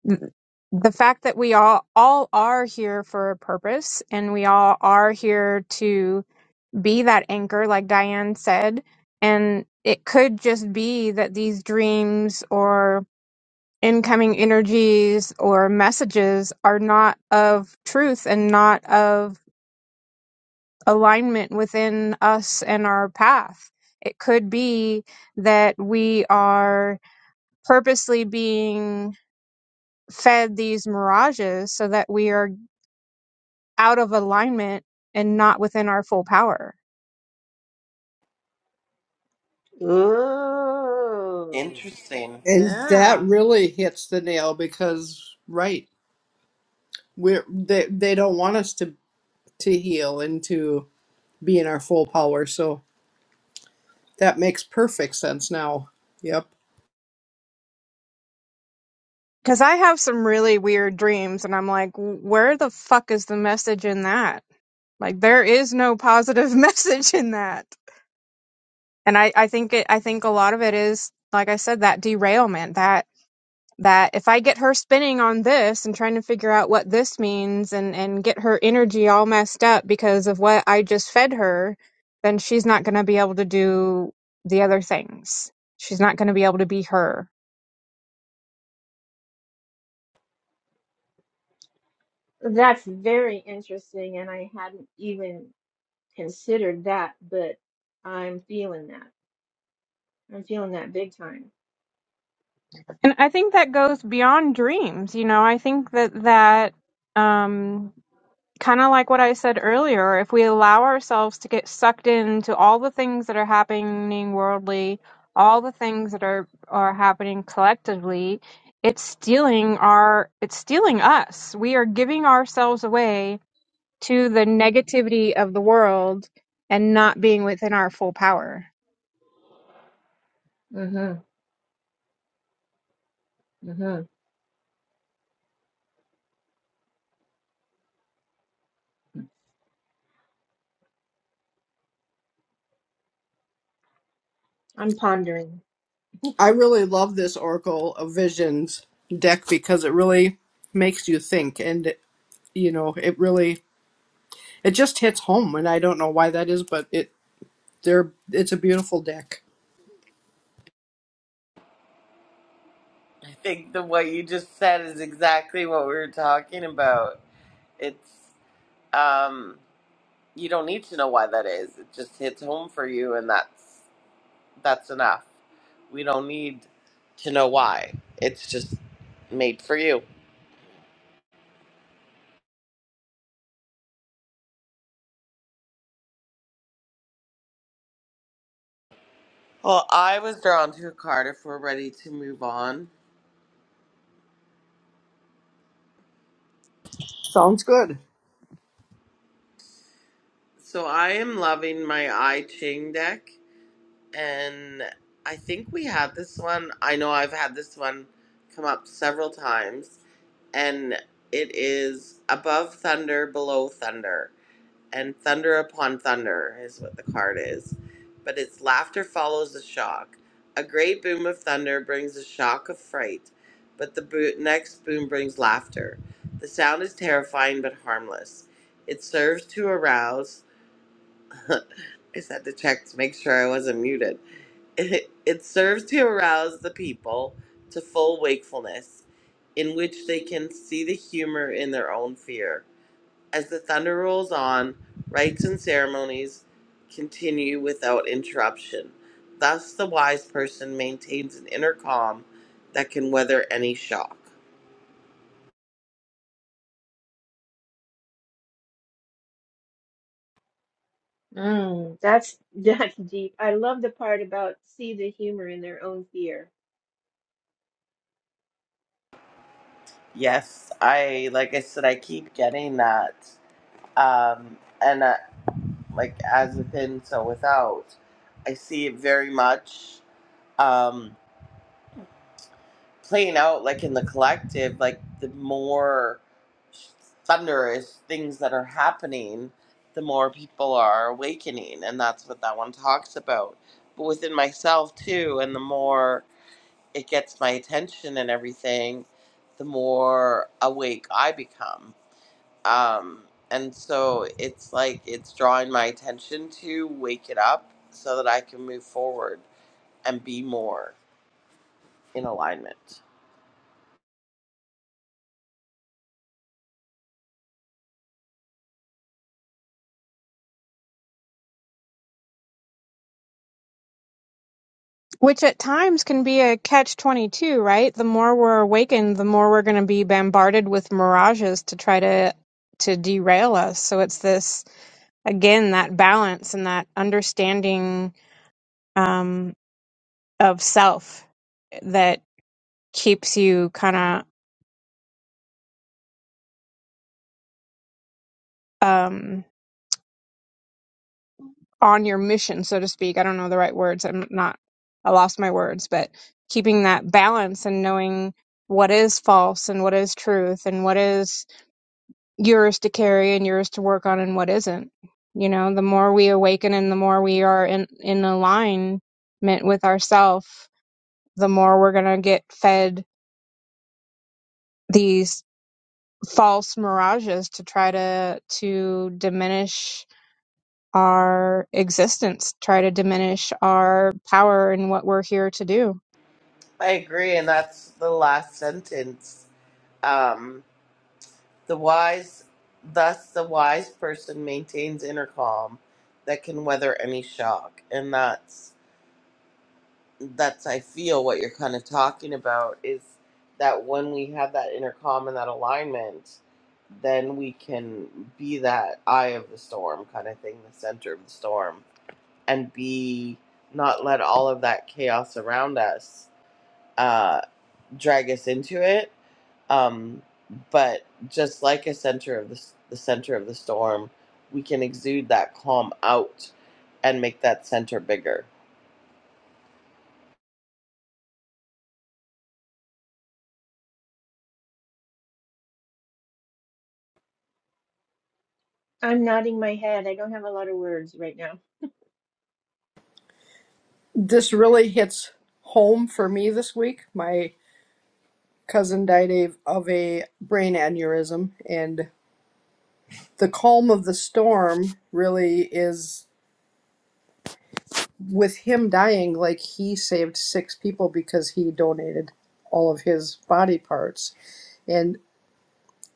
[SPEAKER 4] th- the fact that we all all are here for a purpose and we all are here to be that anchor, like Diane said. And it could just be that these dreams or incoming energies or messages are not of truth and not of alignment within us and our path. It could be that we are purposely being fed these mirages so that we are out of alignment and not within our full power
[SPEAKER 3] Ooh,
[SPEAKER 1] Interesting.
[SPEAKER 2] And that
[SPEAKER 3] yeah.
[SPEAKER 2] really hits the nail because, right, we're, they, they don't want us to, to heal and to be in our full power. So that makes perfect sense now. Yep.
[SPEAKER 4] Because I have some really weird dreams, and I'm like, where the fuck is the message in that? Like, there is no positive message in that. And I, I think it, I think a lot of it is, like I said, that derailment, That that if I get her spinning on this and trying to figure out what this means and, and get her energy all messed up because of what I just fed her, then she's not going to be able to do the other things. She's not going to be able to be her.
[SPEAKER 3] That's very interesting, and I hadn't even considered that, but I'm feeling that. I'm feeling that big time.
[SPEAKER 4] And I think that goes beyond dreams. You know, I think that that, um, kind of like what I said earlier, if we allow ourselves to get sucked into all the things that are happening worldly, all the things that are are happening collectively, it's stealing our it's stealing us. We are giving ourselves away to the negativity of the world and not being within our full power.
[SPEAKER 3] Mm-hmm. Mm-hmm. I'm pondering.
[SPEAKER 2] I really love this Oracle of Visions deck because it really makes you think, and you know, it really it just hits home, and I don't know why that is, but it there it's a beautiful deck.
[SPEAKER 1] I think the what you just said is exactly what we were talking about. It's um you don't need to know why that is. It just hits home for you and that's that's enough. We don't need to know why. It's just made for you. Well, I was drawn to a card if we're ready to move on.
[SPEAKER 2] Sounds good.
[SPEAKER 1] So I am loving my I Ching deck, and I think we had this one. I know I've had this one come up several times, and it is above thunder, below thunder. and thunder upon thunder is what the card is. But its laughter follows the shock. A great boom of thunder brings a shock of fright, but the bo- next boom brings laughter. The sound is terrifying but harmless. It serves to arouse. I just had to check to make sure I wasn't muted. It, it serves to arouse the people to full wakefulness, in which they can see the humor in their own fear. As the thunder rolls on, rites and ceremonies continue without interruption. Thus, the wise person maintains an inner calm that can weather any shock.
[SPEAKER 3] Mm, that's that's deep. I love the part about see the humor in their own fear.
[SPEAKER 1] Yes, I, like I said, I keep getting that. Um, and uh, like as within, so without. I see it very much. Um, playing out like in the collective like the more thunderous things that are happening the more people are awakening and that's what that one talks about but within myself too and the more it gets my attention and everything the more awake i become um and so it's like it's drawing my attention to wake it up so that i can move forward and be more in alignment
[SPEAKER 4] Which at times can be a catch 22, right? The more we're awakened, the more we're going to be bombarded with mirages to try to to derail us. So it's this again that balance and that understanding um, of self that keeps you kind of um, on your mission, so to speak. I don't know the right words. I'm not. I lost my words, but keeping that balance and knowing what is false and what is truth and what is yours to carry and yours to work on and what isn't. You know, the more we awaken and the more we are in, in alignment with ourself, the more we're going to get fed these false mirages to try to to diminish our existence, try to diminish our power and what we're here to do.
[SPEAKER 1] I agree, and that's the last sentence. Um, the wise, thus the wise person maintains inner calm that can weather any shock, and that's that's I feel what you're kind of talking about is that when we have that inner calm and that alignment, then we can be that eye of the storm kind of thing, the center of the storm, and be not let all of that chaos around us uh, drag us into it Um, but just like a center of the, s- the center of the storm, we can exude that calm out and make that center bigger.
[SPEAKER 3] I'm nodding my head. I don't have a lot of words right now.
[SPEAKER 2] This really hits home for me this week. My cousin died of of a brain aneurysm, and the calm of the storm really is with him dying like he saved six people because he donated all of his body parts And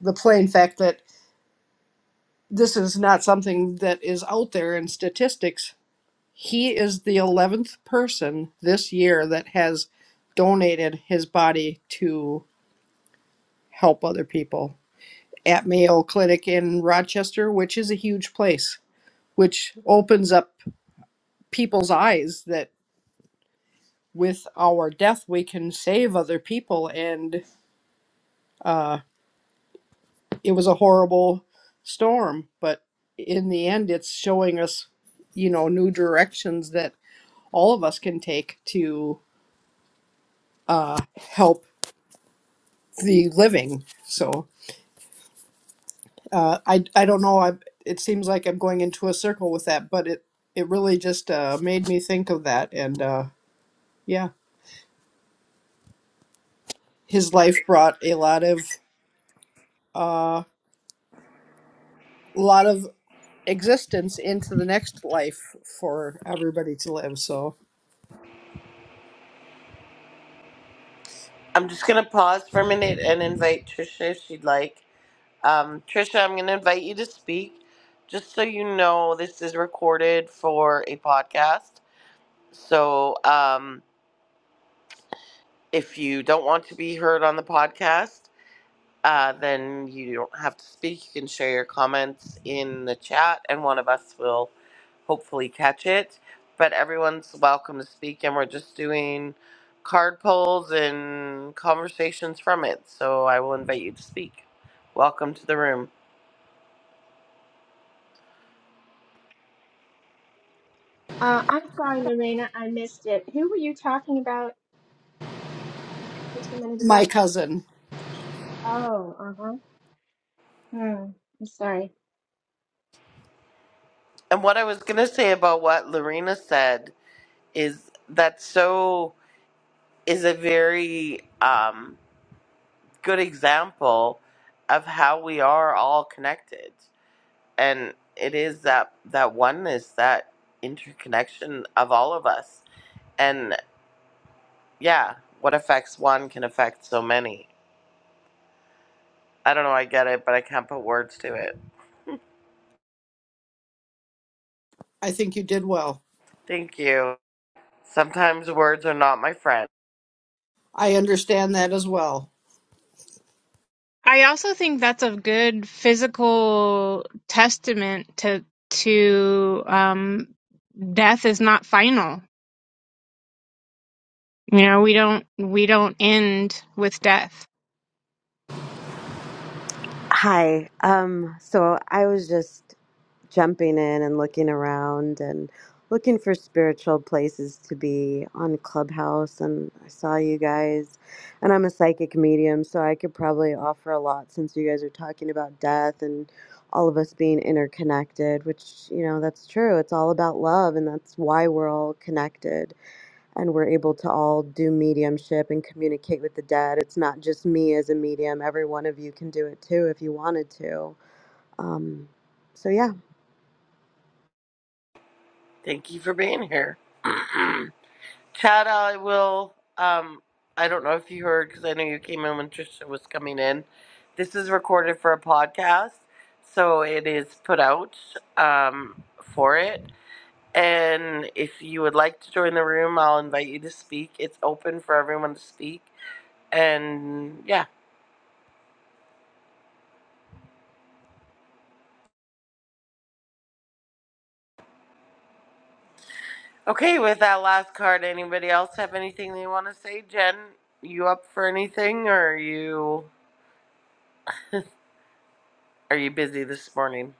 [SPEAKER 2] the plain fact that this is not something that is out there in statistics, he is the 11th person this year that has donated his body to help other people at Mayo Clinic in Rochester, which is a huge place, which opens up people's eyes that with our death we can save other people and uh, it was a horrible storm, but in the end, it's showing us, you know, new directions that all of us can take to uh, help the living. So uh, I, I don't know. I, it seems like I'm going into a circle with that, but it, it really just uh, made me think of that. And uh, yeah, his life brought a lot of, uh, lot of existence into the next life for everybody to live. So
[SPEAKER 1] I'm just gonna pause for a minute and invite Trisha if she'd like. Um, Trisha, I'm gonna invite you to speak. Just so you know, this is recorded for a podcast. So um, if you don't want to be heard on the podcast, uh, then you don't have to speak. You can share your comments in the chat, and one of us will hopefully catch it. But everyone's welcome to speak, and we're just doing card polls and conversations from it. So I will invite you to speak. Welcome to the room.
[SPEAKER 3] Uh, I'm sorry, Lorena. I missed it. Who were you talking about just a minute
[SPEAKER 2] my
[SPEAKER 3] ago?
[SPEAKER 2] cousin,
[SPEAKER 3] Oh, uh-huh. Hmm. I'm sorry.
[SPEAKER 1] And what I was going to say about what Lorena said is that so is a very um, good example of how we are all connected and it is that that oneness that interconnection of all of us and yeah what affects one can affect so many i don't know i get it but i can't put words to it
[SPEAKER 2] I think you did well.
[SPEAKER 1] thank you sometimes words are not my friend
[SPEAKER 2] I understand that as well.
[SPEAKER 4] I also think that's a good physical testament to to um, death is not final. You know, we don't we don't end with death.
[SPEAKER 7] Hi. Um, so I was just jumping in and looking around and looking for spiritual places to be on Clubhouse and I saw you guys and I'm a psychic medium, so I could probably offer a lot since you guys are talking about death and all of us being interconnected, which, you know, that's true. It's all about love and that's why we're all connected and we're able to all do mediumship and communicate with the dead. It's not just me as a medium, every one of you can do it too if you wanted to. Um, so, yeah,
[SPEAKER 1] thank you for being here chad i will um i don't know if you heard because i know you came in when trisha was coming in this is recorded for a podcast so it is put out um for it And if you would like to join the room, I'll invite you to speak. It's open for everyone to speak. And yeah. Okay, with that last card, anybody else have anything they want to say? Jen, you up for anything or are you are you busy this morning?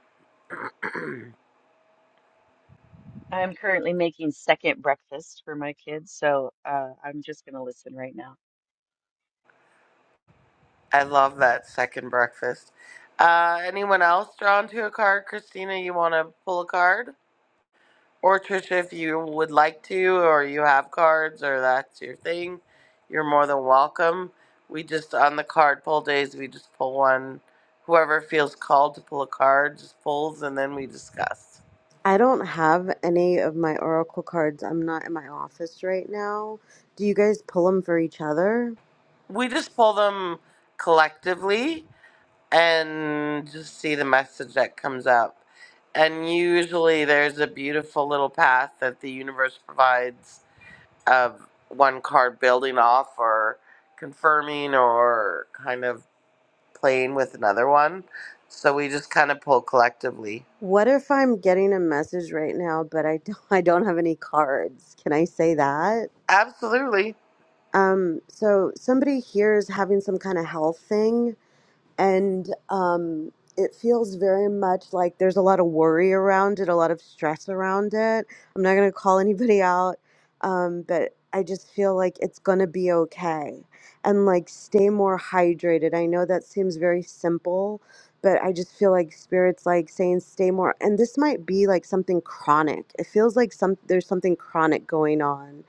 [SPEAKER 6] I'm currently making second breakfast for my kids, so uh, I'm just going to listen right now.
[SPEAKER 1] I love that second breakfast. Uh anyone else drawn to a card? Christina, you wanna pull a card? Or Trisha, if you would like to, or you have cards, or that's your thing, you're more than welcome. We just on the card pull days, we just pull one. Whoever feels called to pull a card just pulls, and then we discuss.
[SPEAKER 7] I don't have any of my oracle cards. I'm not in my office right now. Do you guys pull them for each other?
[SPEAKER 1] We just pull them collectively and just see the message that comes up. And usually, there's a beautiful little path that the universe provides of one card building off or confirming or kind of playing with another one. So we just kind of pull collectively.
[SPEAKER 7] What if I'm getting a message right now, but I don't, I don't have any cards? Can I say that?
[SPEAKER 1] Absolutely.
[SPEAKER 7] Um, so somebody here is having some kind of health thing and um, it feels very much like there's a lot of worry around it, a lot of stress around it. I'm not gonna call anybody out, um, but I just feel like it's gonna be okay, and like stay more hydrated. I know that seems very simple, but I just feel like spirits like saying stay more, and this might be like something chronic. It feels like some there's something chronic going on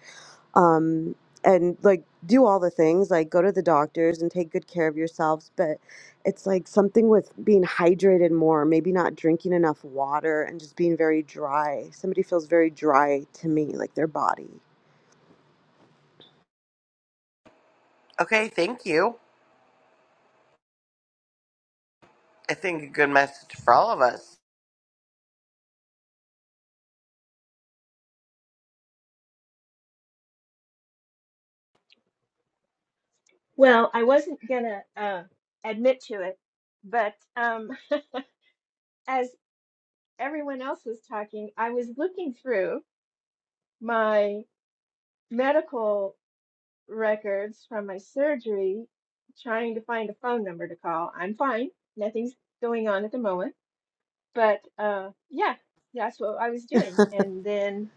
[SPEAKER 7] um, and like do all the things like go to the doctors and take good care of yourselves but it's like something with being hydrated more maybe not drinking enough water and just being very dry somebody feels very dry to me like their body
[SPEAKER 1] Okay, thank you. I think a good message for all of us.
[SPEAKER 3] Well, I wasn't gonna uh, admit to it, but um, as everyone else was talking, I was looking through my medical records from my surgery, trying to find a phone number to call. I'm fine. Nothing's going on at the moment, but uh, yeah, that's what I was doing. And then,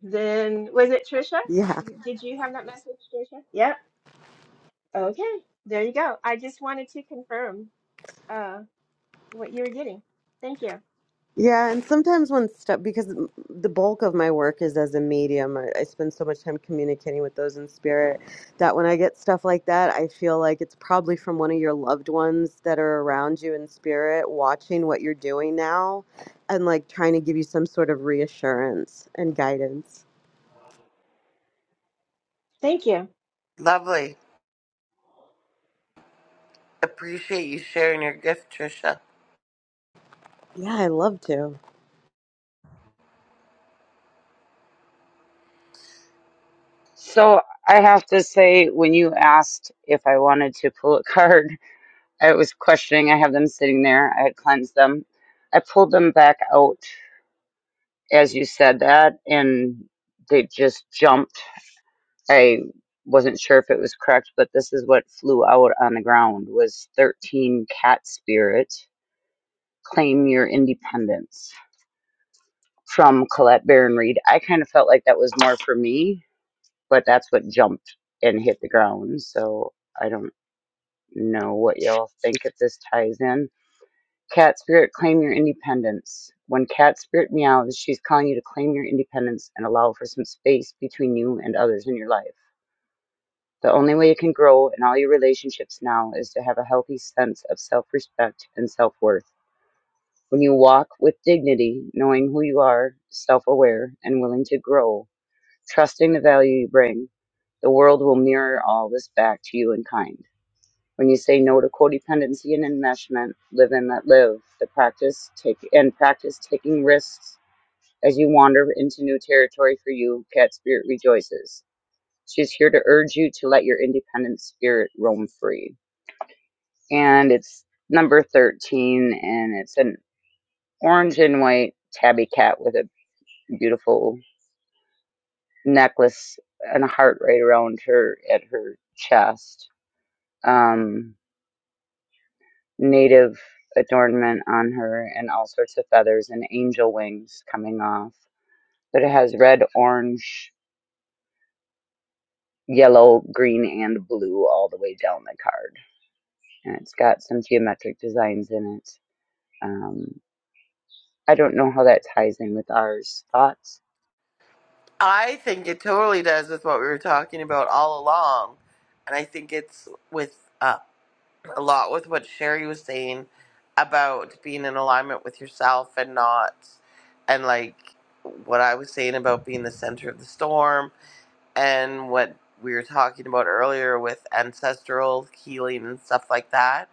[SPEAKER 3] then was it Trisha?
[SPEAKER 7] yeah
[SPEAKER 3] Did you have that message, Trisha? Yep. Okay. There you go. I just wanted to confirm. uh, what you're getting. Thank you.
[SPEAKER 7] Yeah, and sometimes when stuff, because m- the bulk of my work is as a medium, I, I spend so much time communicating with those in spirit that when I get stuff like that, I feel like it's probably from one of your loved ones that are around you in spirit, watching what you're doing now and like trying to give you some sort of reassurance and guidance.
[SPEAKER 3] Thank you.
[SPEAKER 1] Lovely. Appreciate you sharing your gift, Trisha.
[SPEAKER 7] Yeah, I love to.
[SPEAKER 5] So I have to say, when you asked if I wanted to pull a card, I was questioning. I have them sitting there. I had cleansed them. I pulled them back out as you said that, and they just jumped. I wasn't sure if it was correct, but this is what flew out on the ground was 13 cat spirit claim your independence from Colette Baron Reed. I kind of felt like that was more for me, but that's what jumped and hit the ground. So I don't know what y'all think if this ties in. Cat spirit claim your independence. When cat spirit meows, she's calling you to claim your independence and allow for some space between you and others in your life. The only way you can grow in all your relationships now is to have a healthy sense of self respect and self worth. When you walk with dignity, knowing who you are, self aware, and willing to grow, trusting the value you bring, the world will mirror all this back to you in kind. When you say no to codependency and enmeshment, live and let live. The practice take and practice taking risks as you wander into new territory for you. Cat spirit rejoices She's here to urge you to let your independent spirit roam free. And it's number 13, and it's an orange and white tabby cat with a beautiful necklace and a heart right around her at her chest. Um, native adornment on her, and all sorts of feathers and angel wings coming off. But it has red, orange, yellow, green, and blue all the way down the card. And it's got some geometric designs in it. Um, I don't know how that ties in with ours thoughts.
[SPEAKER 1] I think it totally does with what we were talking about all along. And I think it's with uh, a lot with what Sherry was saying about being in alignment with yourself and not, and like what I was saying about being the center of the storm and what we were talking about earlier with ancestral healing and stuff like that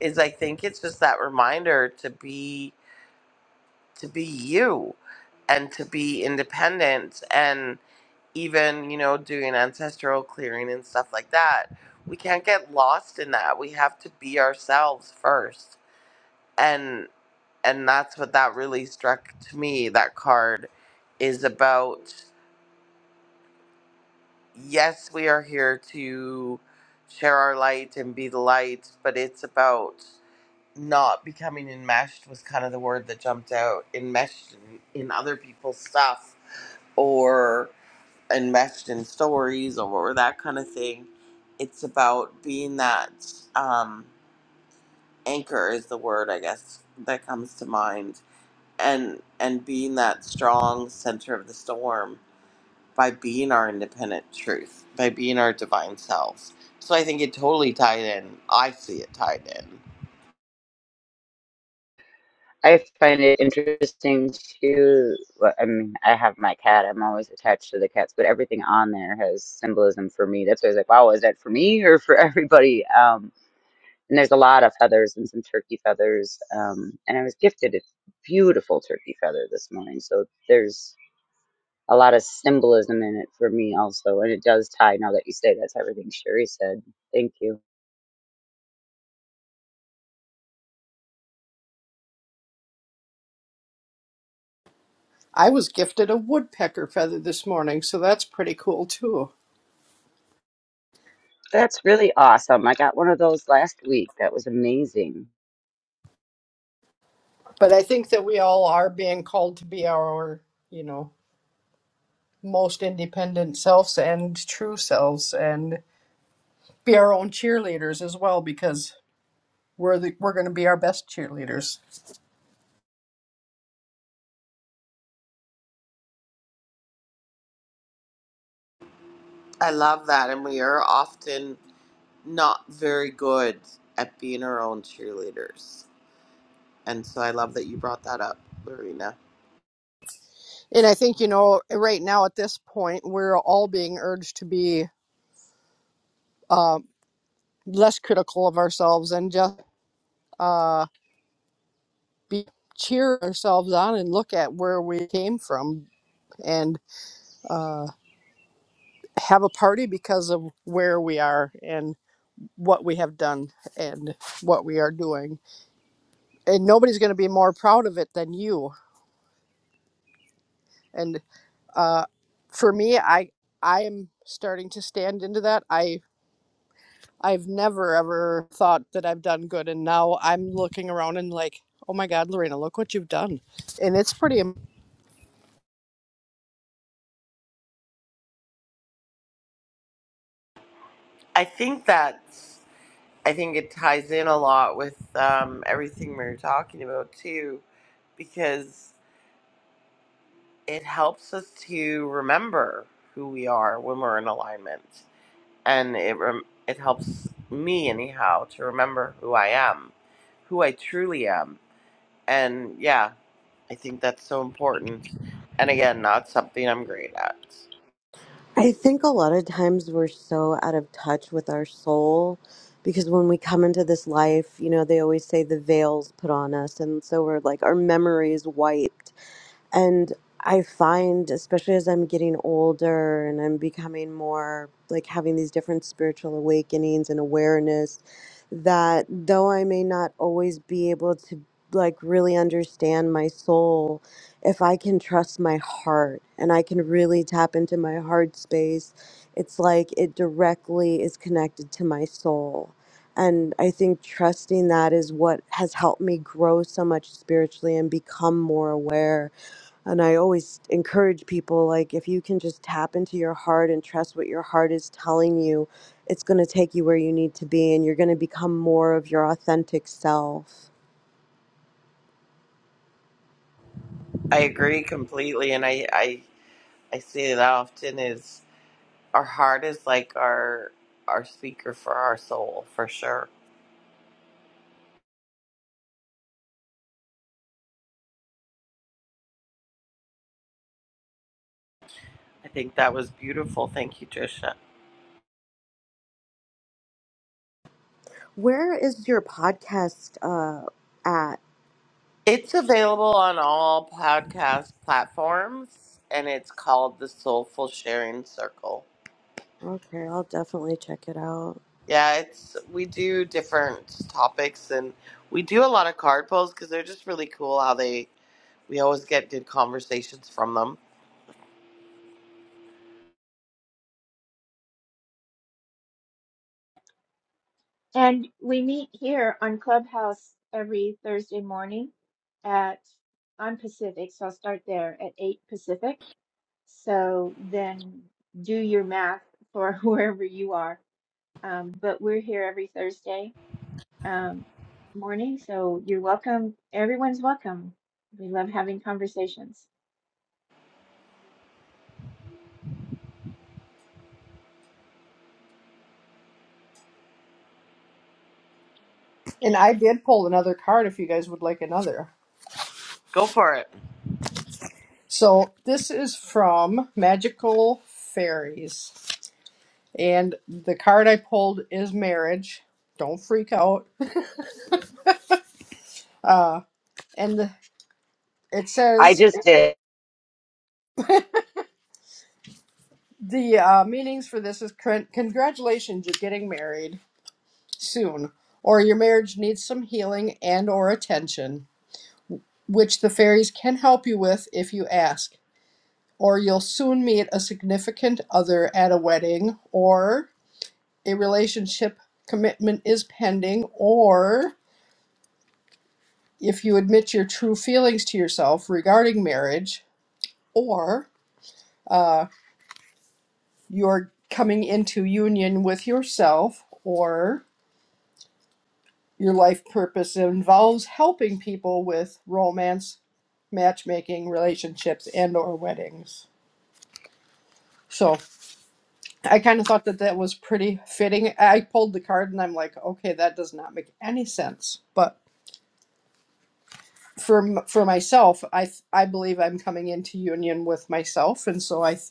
[SPEAKER 1] is I think it's just that reminder to be to be you and to be independent and even you know doing ancestral clearing and stuff like that we can't get lost in that we have to be ourselves first and and that's what that really struck to me that card is about yes, we are here to share our light and be the light, but it's about not becoming enmeshed was kind of the word that jumped out. Enmeshed in, in other people's stuff or enmeshed in stories or that kind of thing. It's about being that um, anchor is the word I guess that comes to mind, and and being that strong center of the storm by being our independent truth, by being our divine selves. So I think it totally tied in. I see it tied in.
[SPEAKER 5] I find it interesting to, well, I mean, I have my cat. I'm always attached to the cats, but everything on there has symbolism for me. That's why I was like, wow, is that for me or for everybody? Um, and there's a lot of feathers and some turkey feathers. Um, and I was gifted a beautiful turkey feather this morning. So there's a lot of symbolism in it for me also. And it does tie, now that you say that's everything Sherry said. Thank you.
[SPEAKER 2] I was gifted a woodpecker feather this morning, so that's pretty cool too.
[SPEAKER 5] That's really awesome. I got one of those last week. That was amazing.
[SPEAKER 2] But I think that we all are being called to be our, you know, most independent selves and true selves and be our own cheerleaders as well because we're the, we're going to be our best cheerleaders.
[SPEAKER 1] I love that. And we are often not very good at being our own cheerleaders. And so I love that you brought that up, Lorena.
[SPEAKER 2] And I think, you know, right now at this point, we're all being urged to be uh, less critical of ourselves and just uh, be cheer ourselves on and look at where we came from and uh, have a party because of where we are and what we have done and what we are doing. And nobody's going to be more proud of it than you. And uh, for me, I I am starting to stand into that. I I've never ever thought that I've done good, and now I'm looking around and like, oh my God, Lorena, look what you've done, and it's pretty. am-
[SPEAKER 1] I think that's, I think it ties in a lot with um, everything we were talking about too, because it helps us to remember who we are when we're in alignment and it rem- it helps me anyhow to remember who I am, who I truly am. And yeah, I think that's so important. And again, not something I'm great at.
[SPEAKER 7] I think a lot of times we're so out of touch with our soul because when we come into this life, you know, they always say the veil's put on us. And so we're like, our memory is wiped. And I find, especially as I'm getting older and I'm becoming more like having these different spiritual awakenings and awareness, that though I may not always be able to like really understand my soul, if I can trust my heart and I can really tap into my heart space, it's like it directly is connected to my soul. And I think trusting that is what has helped me grow so much spiritually and become more aware and I always encourage people like, if you can just tap into your heart and trust what your heart is telling you, it's going to take you where you need to be and you're going to become more of your authentic self.
[SPEAKER 1] I agree completely, and I I, I say that often is our heart is like our our speaker for our soul for sure. I think that was beautiful. Thank you, Trisha.
[SPEAKER 7] Where is your podcast uh, at?
[SPEAKER 1] It's available on all podcast platforms, and it's called the Soulful Sharing Circle
[SPEAKER 7] Okay, I'll definitely check it out.
[SPEAKER 1] Yeah, it's we do different topics and we do a lot of card pulls because they're just really cool how they we always get good conversations from them.
[SPEAKER 3] And we meet here on Clubhouse every Thursday morning at, I'm Pacific, so I'll start there at 8 Pacific. So then do your math for wherever you are. Um, but we're here every Thursday um, morning, so you're welcome. Everyone's welcome. We love having conversations.
[SPEAKER 2] And I did pull another card if you guys would like another.
[SPEAKER 1] Go for it.
[SPEAKER 2] So this is from Magical Fairies. and the card I pulled is marriage. Don't freak out. Uh, and the, it
[SPEAKER 5] I
[SPEAKER 2] says
[SPEAKER 5] just did.
[SPEAKER 2] the uh, meanings for this is con- congratulations, you're getting married soon, or your marriage needs some healing and or attention, which the fairies can help you with if you ask. Or you'll soon meet a significant other at a wedding, or a relationship commitment is pending, or if you admit your true feelings to yourself regarding marriage, or uh, you're coming into union with yourself, or your life purpose involves helping people with romance, matchmaking, relationships, and or weddings. So I kind of thought that that was pretty fitting. I pulled the card and I'm like, okay, that does not make any sense. But for m- for myself, I th- I believe I'm coming into union with myself, and so I th-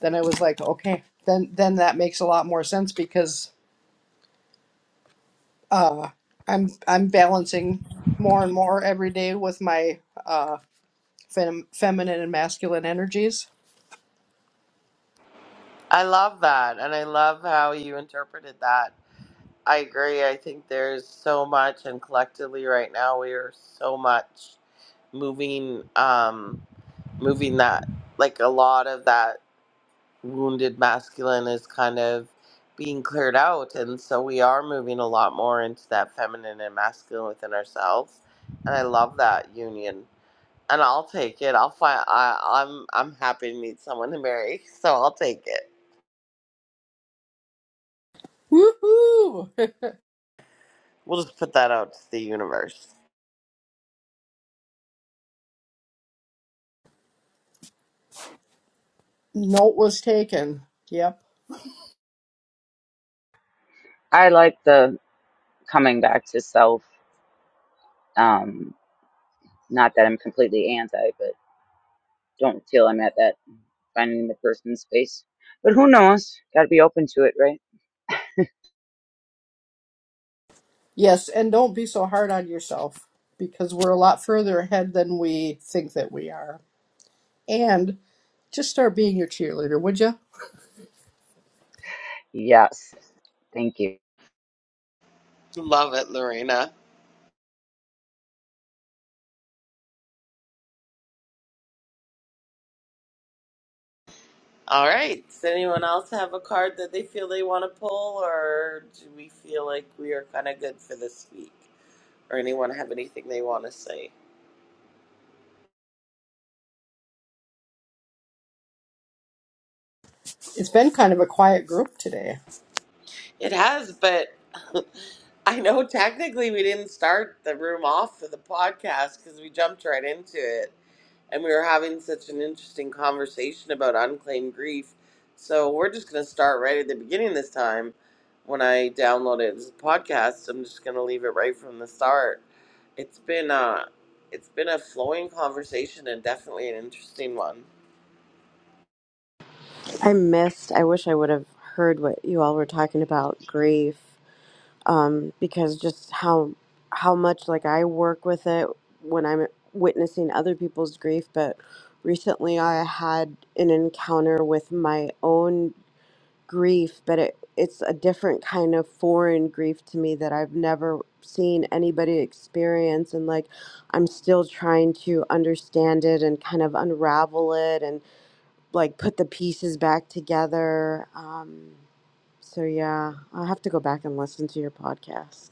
[SPEAKER 2] then I was like, okay, then then that makes a lot more sense because uh, I'm I'm balancing more and more every day with my uh, fem- feminine and masculine energies.
[SPEAKER 1] I love that and I love how you interpreted that. I agree. I think there's so much and collectively right now we are so much moving um moving that like a lot of that wounded masculine is kind of being cleared out and so we are moving a lot more into that feminine and masculine within ourselves and i love that union and i'll take it i'll find I, i'm i'm happy to meet someone to marry so i'll take it
[SPEAKER 2] Woohoo!
[SPEAKER 1] we'll just put that out to the universe
[SPEAKER 2] Note was taken. Yep.
[SPEAKER 5] I like the coming back to self. Um, not that I'm completely anti, but don't feel I'm at that finding the person space. But who knows? Got to be open to it, right?
[SPEAKER 2] Yes, and don't be so hard on yourself because we're a lot further ahead than we think that we are. And just start being your cheerleader, would you?
[SPEAKER 5] Yes. Thank you.
[SPEAKER 1] love it lorena all right does anyone else have a card that they feel they want to pull or do we feel like we are kind of good for this week or anyone have anything they want to say
[SPEAKER 2] It's been kind of a quiet group today.
[SPEAKER 1] It has, but I know technically we didn't start the room off for the podcast because we jumped right into it and we were having such an interesting conversation about unclaimed grief. So we're just going to start right at the beginning this time. When I download it as a podcast, I'm just going to leave it right from the start. It's been a, it's been a flowing conversation and definitely an interesting one.
[SPEAKER 7] I missed, I wish I would have heard what you all were talking about grief. um, because just how how much like I work with it when I'm witnessing other people's grief. But recently, I had an encounter with my own grief, but it it's a different kind of foreign grief to me that I've never seen anybody experience, and like I'm still trying to understand it and kind of unravel it and like put the pieces back together. Um, so yeah, I'll have to go back and listen to your podcast.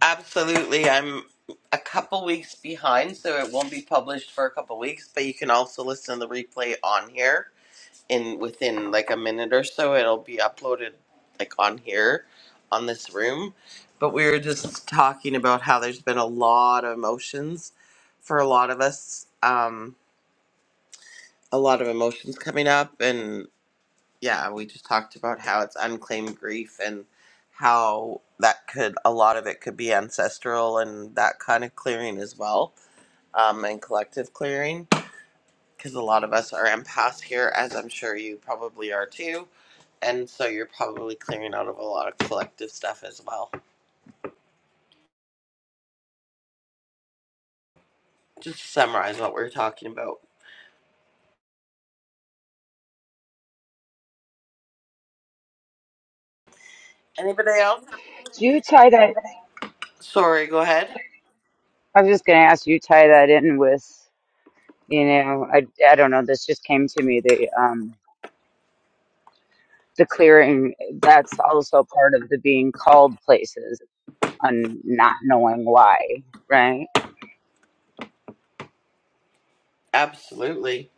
[SPEAKER 1] Absolutely. I'm a couple weeks behind, so it won't be published for a couple weeks, but you can also listen to the replay on here in within like a minute or so. It'll be uploaded like on here on this room. But we were just talking about how there's been a lot of emotions for a lot of us. Um a lot of emotions coming up yeah, we just talked about how it's unclaimed grief and how that could a lot of it could be ancestral and that kind of clearing as well, um, and collective clearing because a lot of us are empaths here, as I'm sure you probably are too, and so you're probably clearing out of a lot of collective stuff as well. Just to summarize what we're talking about. Anybody else?
[SPEAKER 5] Do you tie that?
[SPEAKER 1] Sorry, go ahead.
[SPEAKER 5] I was just going to ask you tie that in with, you know, I, I don't know. This just came to me. The um, the clearing. That's also part of the being called places. on not knowing why, right?
[SPEAKER 1] Absolutely.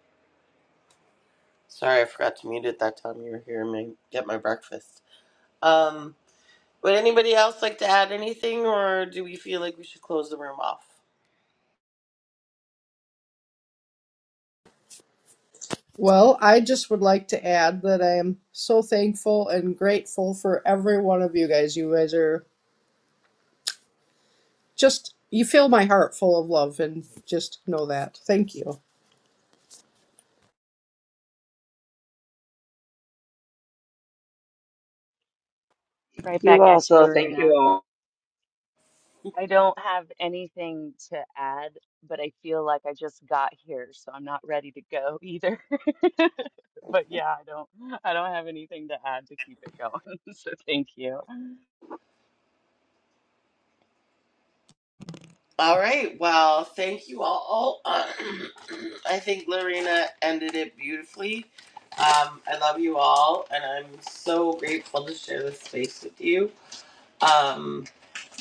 [SPEAKER 1] Sorry, I forgot to mute it that time you were here and get my breakfast. Um. Would anybody else like to add anything, or do we feel like we should close the room off?
[SPEAKER 2] Well, I just would like to add that I am so thankful and grateful for every one of you guys. You guys are Just you fill my heart full of love and just know that. Thank you.
[SPEAKER 6] Right
[SPEAKER 5] You
[SPEAKER 6] back at you,
[SPEAKER 5] also think
[SPEAKER 6] Lorena.
[SPEAKER 5] you are.
[SPEAKER 6] I don't have anything to add, but I feel like I just got here, so I'm not ready to go either. But yeah, I don't I don't have anything to add to keep it going. So thank you.
[SPEAKER 1] All right. Well, thank you all. I think Lorena ended it beautifully. Um, I love you all, and I'm so grateful to share this space with you. Um,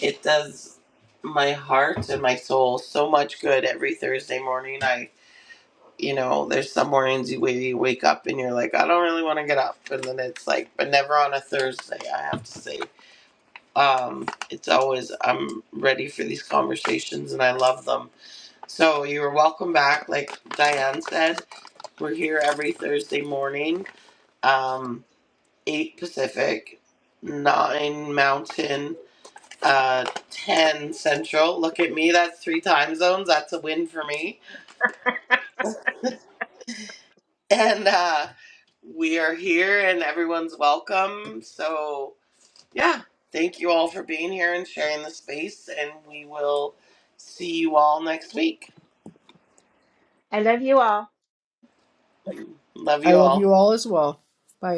[SPEAKER 1] it does my heart and my soul so much good every Thursday morning. I, you know, there's some mornings you- where you wake up and you're like, I don't really want to get up, and then it's like, but never on a Thursday. I have to say um, it's always I'm ready for these conversations and I love them. So you're welcome back. Like Diane said, we're here every Thursday morning, um, eight Pacific, nine Mountain, uh, ten Central. Look at me, that's three time zones. That's a win for me. And uh, we are here, and everyone's welcome. So. yeah, thank you all for being here and sharing the space, and we will see you all next week.
[SPEAKER 3] I love you all.
[SPEAKER 1] Love
[SPEAKER 2] I
[SPEAKER 1] you
[SPEAKER 2] love
[SPEAKER 1] all.
[SPEAKER 2] you all as well. Bye.